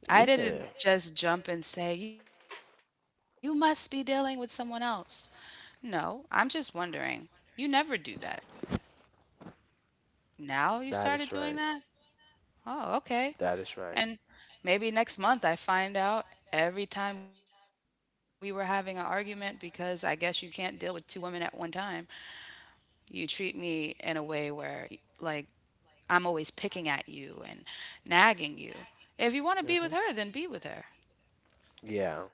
Speaker 2: I didn't
Speaker 1: Yeah.
Speaker 2: just jump and say, you must be dealing with someone else. No, I'm just wondering. You never do that. Now you started
Speaker 1: That
Speaker 2: doing
Speaker 1: is. "Oh,
Speaker 2: that?
Speaker 1: you
Speaker 2: Oh, okay. And
Speaker 1: right."
Speaker 2: maybe next month I find out every time we were having an argument because I guess you can't deal with two women at one time. You treat me in a way where, like, I'm always picking at you and nagging you. If you want to be with her,
Speaker 1: Hmm.
Speaker 2: then be with her,
Speaker 1: Yeah,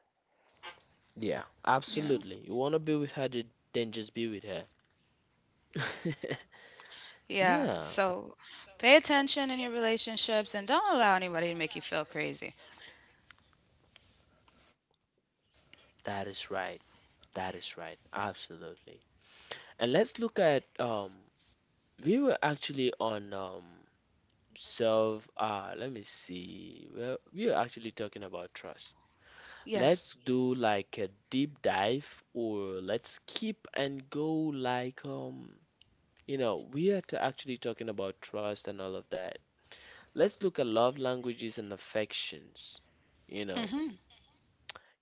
Speaker 2: you know?
Speaker 1: yeah, absolutely. You want to be with her, then just be with her.
Speaker 2: Yeah.
Speaker 1: Yeah,
Speaker 2: So pay attention in your relationships and don't allow anybody to make you feel crazy.
Speaker 1: that is right. That is right. Absolutely. And let's look at, we were actually on, self let me see. Well, we were actually talking about trust.
Speaker 2: Yes.
Speaker 1: Let's do like a deep dive or let's skip and go like, you know, we are actually talking about trust and all of that. Let's look at love languages and affections. You know,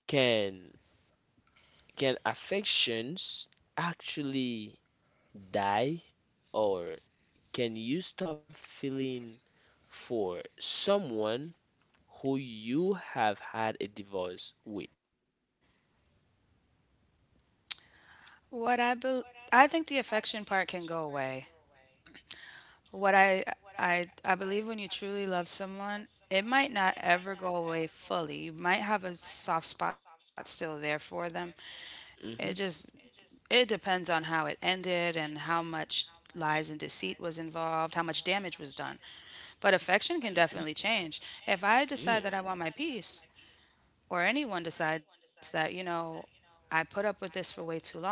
Speaker 1: can can affections actually die, or can you stop feeling for someone who you have had a divorce with?
Speaker 2: What I bel I think the affection part can go away. What I believe when you truly love someone, it might not ever go away fully. You might have a soft spot still there for them. It just
Speaker 1: Mm-hmm.
Speaker 2: it depends on how it ended and how much lies and deceit was involved, how much damage was done. But affection can
Speaker 1: Mm-hmm.
Speaker 2: definitely change. If I decide
Speaker 1: Yeah.
Speaker 2: that I want my peace, or anyone decides that, you know, I put up with this for way too long,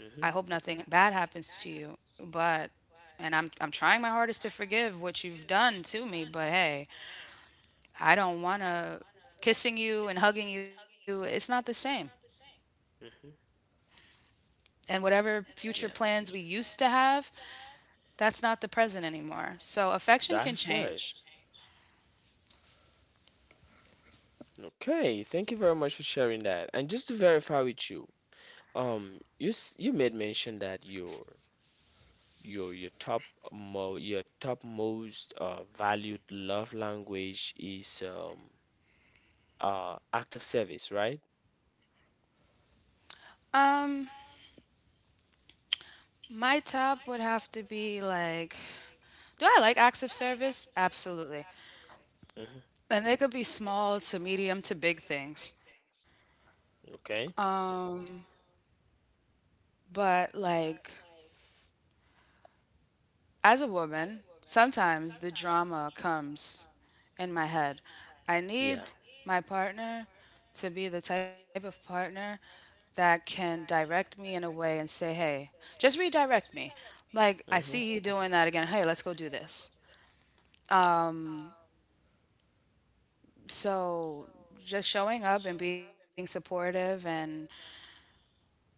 Speaker 2: I hope nothing bad happens to you, but and I'm trying my hardest to forgive what you've done to me, but hey, I don't want to kissing you and hugging you, it's not the same. And whatever future
Speaker 1: Mm-hmm. Yeah.
Speaker 2: plans we used to have, that's not the present anymore. So affection
Speaker 1: That
Speaker 2: can
Speaker 1: is right.
Speaker 2: change.
Speaker 1: Can change. Okay, thank you very much for sharing that. And just to verify with you, you you made mention that your top mo your top most valued love language is act of service, right?
Speaker 2: Um, my top would have to be like, do I like acts of service? Absolutely.
Speaker 1: Hmm.
Speaker 2: And they could be small to medium to big things.
Speaker 1: Okay.
Speaker 2: Um, but like as a woman, sometimes the drama comes in my head. I
Speaker 1: Yeah.
Speaker 2: need my partner to be the type of partner that can direct me in a way and say, hey, just redirect me. Like, I
Speaker 1: Hmm.
Speaker 2: see you doing that again. Hey, let's go do this. So, just showing up and being supportive, and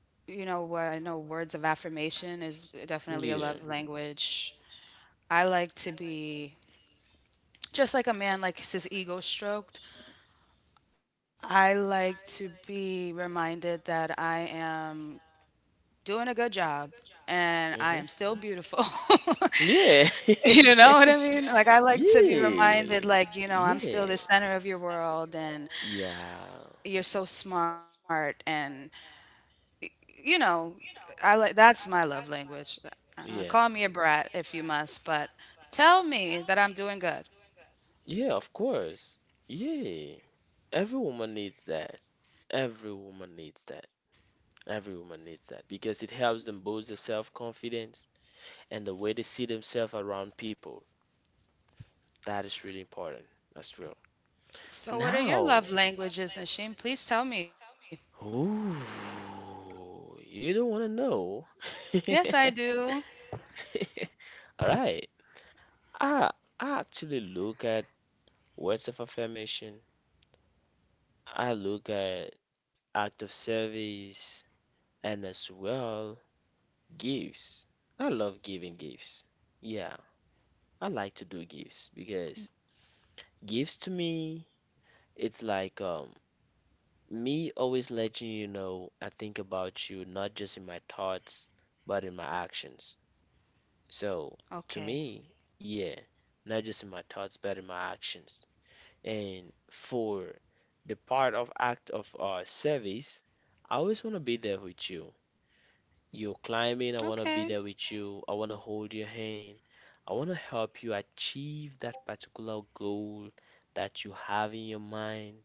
Speaker 2: you know, what I know words of affirmation is definitely a
Speaker 1: Yeah.
Speaker 2: love language. I like to be just like a man likes his ego stroked. I like to be reminded that I am doing a good job and
Speaker 1: Hmm.
Speaker 2: I am still beautiful.
Speaker 1: Yeah.
Speaker 2: You know what I mean? Like, I like to be
Speaker 1: Yeah.
Speaker 2: reminded, like, you know, I'm
Speaker 1: Yeah.
Speaker 2: still the center of your world and
Speaker 1: Yeah.
Speaker 2: you're so smart. And, you know, I like that's my love language. Call
Speaker 1: Yeah.
Speaker 2: me a brat if you must, but tell me that I'm doing good.
Speaker 1: Yeah, of course. Yeah. Every woman needs that. Every woman needs that. Every woman needs that because it helps them boost their self-confidence and the way they see themselves around people. That is really important as well.
Speaker 2: So, what are your
Speaker 1: Now,
Speaker 2: love languages, Nashim? Please tell me.
Speaker 1: ooh, you don't want to know.
Speaker 2: Yes, I do.
Speaker 1: All right. I I actually look at words of affirmation. I look at act of service and as well gifts. I love giving gifts. Yeah, I like to do gifts because gifts to me it's like me always letting you know I think about you, not just in my thoughts, but in my actions. So, to
Speaker 2: Okay.
Speaker 1: me, yeah, not just in my thoughts, but in my actions. And for the part of act of service, I always want to be there with you. You're climbing, I
Speaker 2: Okay.
Speaker 1: want to be there with you. I want to hold your hand. I want to help you achieve that particular goal that you have in your mind.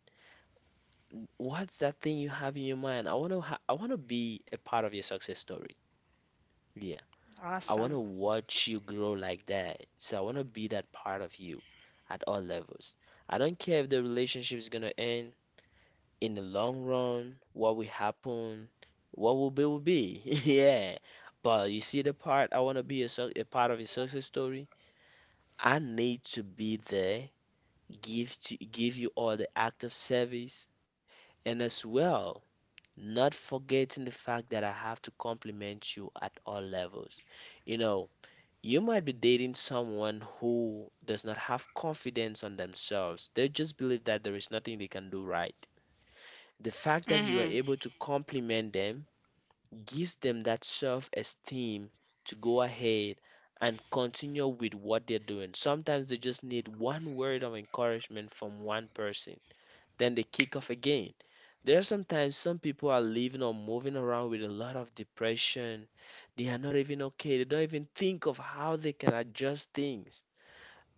Speaker 1: What's that thing you have in your mind? I want to be a part of your success story. Yeah. I want
Speaker 2: Awesome.
Speaker 1: to watch you grow like that. So I want to be that part of you at all levels. I don't care if the relationship is going to end in the long run, what will happen, what will be will be. Yeah. But you see the part I want to be a part of your success story. I need to be there, give you all the act of service and as well. Not forgetting the fact that I have to compliment you at all levels. You know, you might be dating someone who does not have confidence on themselves. They just believe that there is nothing they can do right. The fact
Speaker 2: Mhm.
Speaker 1: that you are able to compliment them gives them that self-esteem to go ahead and continue with what they're doing. Sometimes they just need one word of encouragement from one person, then they kick off again. There are sometimes some people are living or moving around with a lot of depression. They are not even okay. They don't even think of how they can adjust things.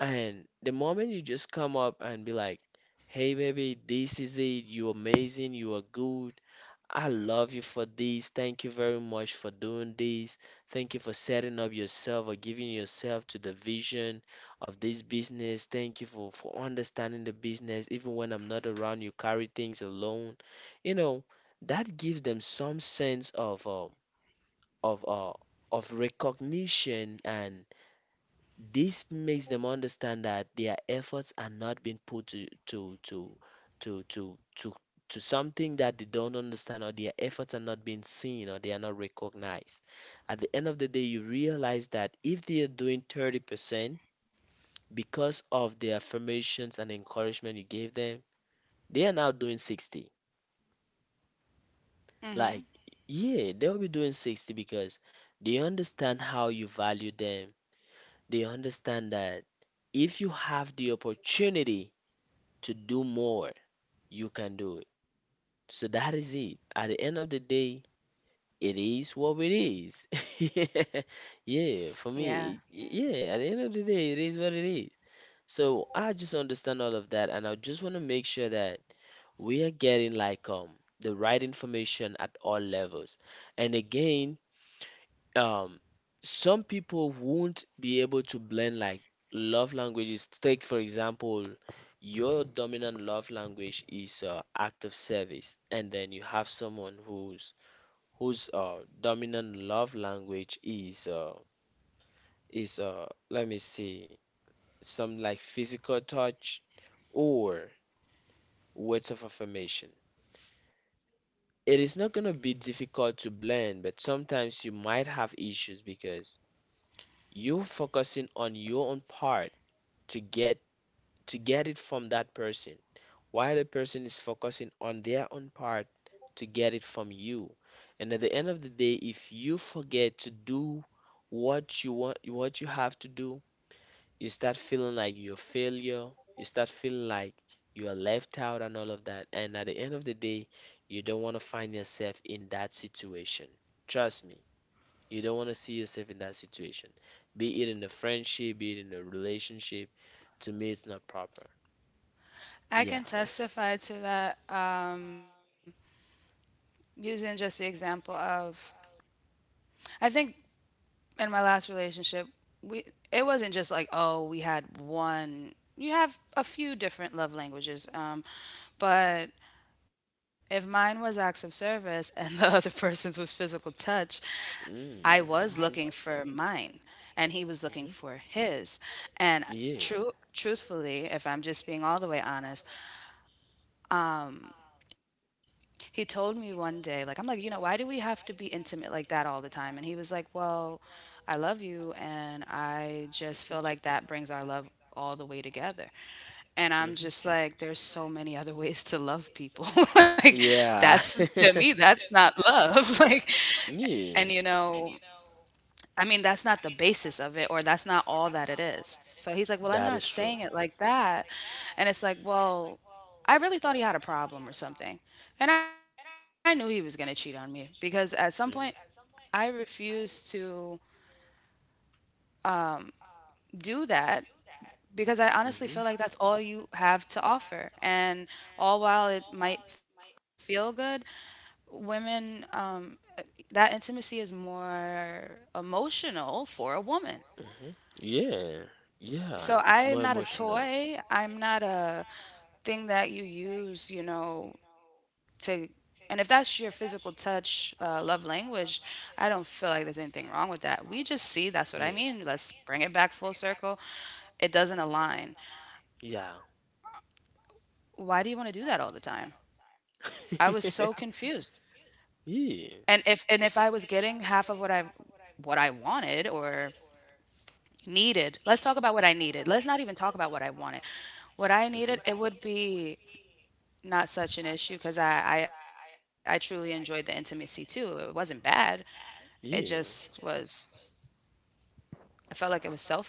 Speaker 1: And the moment you just come up and be like, hey, baby, this is it. You're amazing. You are good. I love you for this. Thank you very much for doing this. Thank you for setting up yourself or giving yourself to the vision of this business. Thank you for understanding the business. Even when I'm not around, you carry things alone. You know, that gives them some sense of of uh, of recognition, and this makes them understand that their efforts are not being put to to to, to something that they don't understand, or their efforts are not being seen, or they are not recognized. At the end of the day, you realize that if they are doing 30% because of the affirmations and encouragement you gave them, they are now doing 60.
Speaker 2: Mhm.
Speaker 1: Like, yeah, they'll be doing 60 because they understand how you value them. They understand that if you have the opportunity to do more, you can do it. So that is it. At the end of the day, it is what it is. Yeah, for
Speaker 2: Yeah.
Speaker 1: me, yeah, at the end of the day, it is what it is. So I just understand all of that, and I just want to make sure that we are getting the right information at all levels. And again, um some people won't be able to blend like love languages. Take for example, your dominant love language is act of service, and then you have someone whose dominant love language is let me see, some like physical touch or words of affirmation. It is not gonna be difficult to blend, but sometimes you might have issues because you're focusing on your own part to get to get it from that person, while the person is focusing on their own part to get it from you. And at the end of the day, if you forget to do what you have to do, you start feeling like you're a failure, you start feeling like you are left out and all of that. And at the end of the day, you don't want to find yourself in that situation. Trust me, you don't want to see yourself in that situation, be it in a friendship, be it in a relationship. To me, it's not proper.
Speaker 2: I
Speaker 1: Yeah.
Speaker 2: can testify to that, using just the example of, I think in my last relationship, we it wasn't just like oh we had one. You have a few different love languages, but if mine was acts of service and the other person's was physical touch, I was
Speaker 1: Mm.
Speaker 2: looking for mine and he was looking for
Speaker 1: Mhm.
Speaker 2: his. And
Speaker 1: Yeah.
Speaker 2: true truthfully, if I'm just being all the way honest, he told me one day, like, I'm like, you know, why do we have to be intimate like that all the time? And he was like, well, I love you. And I just feel like that brings our love all the way together. And I'm just like, there's so many other ways to love
Speaker 1: Mhm.
Speaker 2: people.
Speaker 1: Mhm.
Speaker 2: Like,
Speaker 1: Yeah.
Speaker 2: that's to me, that's not love. Like,
Speaker 1: Yeah.
Speaker 2: and you know, I mean, that's not the basis of it, or that's not all that it is. So he's like, well, I'm not saying it like that. And it's like, well, I really thought he had a problem or something. And I knew he was going to cheat on me because at some point I
Speaker 1: Because
Speaker 2: refuse to do that because I honestly feel like that's all you have to offer. And all while it might feel good, women, that intimacy is more emotional for a woman.
Speaker 1: yeah.
Speaker 2: So
Speaker 1: Yeah.
Speaker 2: I
Speaker 1: It's
Speaker 2: am not a toy. I'm not a thing that you use, you know, to. And if that's your physical touch, love language, I don't feel like there's anything wrong with that. We just see that's what I mean. Let's bring it back full circle. It doesn't align.
Speaker 1: yeah.
Speaker 2: Why do you want to do that all the time? I was so
Speaker 1: I
Speaker 2: confused. And
Speaker 1: yeah.
Speaker 2: if I was getting half of what I wanted or needed, let's talk about what I needed. Let's not even talk about what I wanted. What I needed, it would be not such an issue because I truly enjoyed the intimacy too. It wasn't bad. It just
Speaker 1: Yeah.
Speaker 2: was. I felt like it was selfish.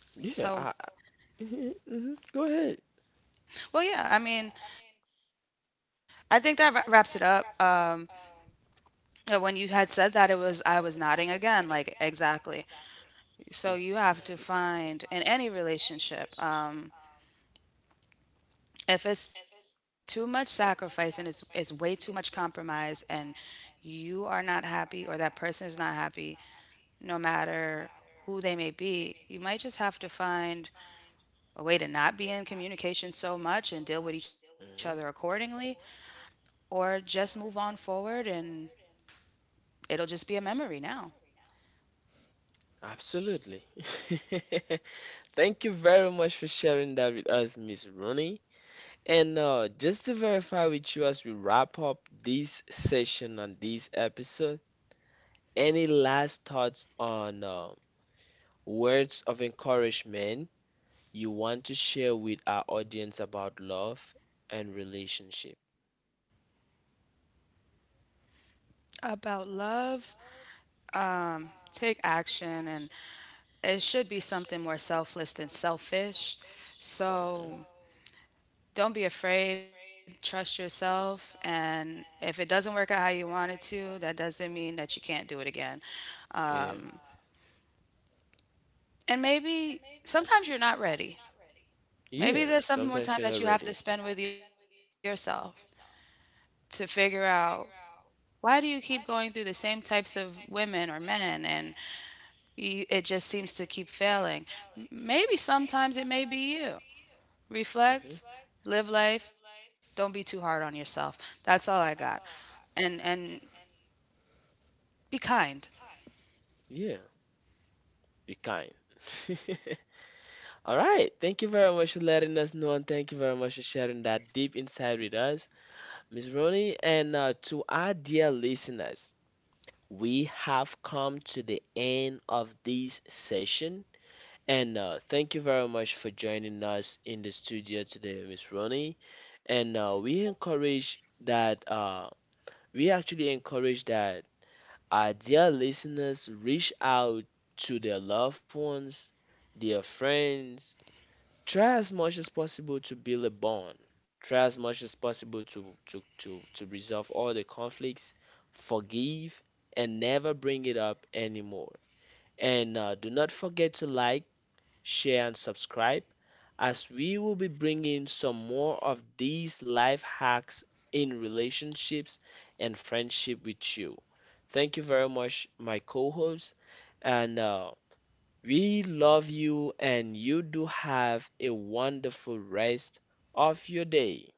Speaker 2: So
Speaker 1: Yeah, I, hmm hmm, go ahead.
Speaker 2: well, yeah. I mean, I think that wraps it up. When you had said that, it was I was nodding again, like exactly. So you
Speaker 1: Hmm.
Speaker 2: have to find in any relationship. If it's too much sacrifice and it's way too much compromise and you are not happy or that person is not happy no matter who they may be, you might just have to find a way to not be in communication so much and deal with each other accordingly, or just move on forward and it'll just be a memory now.
Speaker 1: Absolutely. Thank you very much for sharing that with us, Miss Rooney. And just to verify with you as we wrap up this session on this episode, any last thoughts on words of encouragement you want to share with our audience about love and relationship?
Speaker 2: About love, take action, and it should be something more selfless than selfish. So
Speaker 1: Hmm.
Speaker 2: don't be afraid, trust yourself. And if it doesn't work out how you want it to, that doesn't mean that you can't do it again.
Speaker 1: Yeah.
Speaker 2: And maybe sometimes you're not ready.
Speaker 1: Yeah,
Speaker 2: Maybe there's some more
Speaker 1: sometimes
Speaker 2: time
Speaker 1: you're
Speaker 2: that
Speaker 1: not
Speaker 2: you have to
Speaker 1: ready.
Speaker 2: spend with yourself to figure out why do you keep going through the same types of women or men and you, it just seems to keep failing. Maybe sometimes it may be you. Reflect,
Speaker 1: Mhm.
Speaker 2: live life, don't be too hard on yourself. That's all I got. And be kind.
Speaker 1: Yeah, be kind. All right. Thank you very much for letting us know, and thank you very much for sharing that deep insight with us, Miss Ronnie. And to our dear listeners, we have come to the end of this session. And thank you very much for joining us in the studio today, Miss Ronnie. And we actually encourage that our dear listeners reach out to their loved ones, their friends. Try as much as possible to build a bond. Try as much as possible to resolve all the conflicts, forgive, and never bring it up anymore. And do not forget to like, share and subscribe, as we will be bringing some more of these life hacks in relationships and friendship with you. Thank you very much, my co host. And we love you, and you do have a wonderful rest of your day.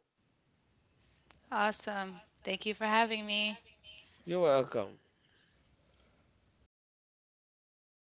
Speaker 2: Awesome. Thank you for having me.
Speaker 1: You're welcome.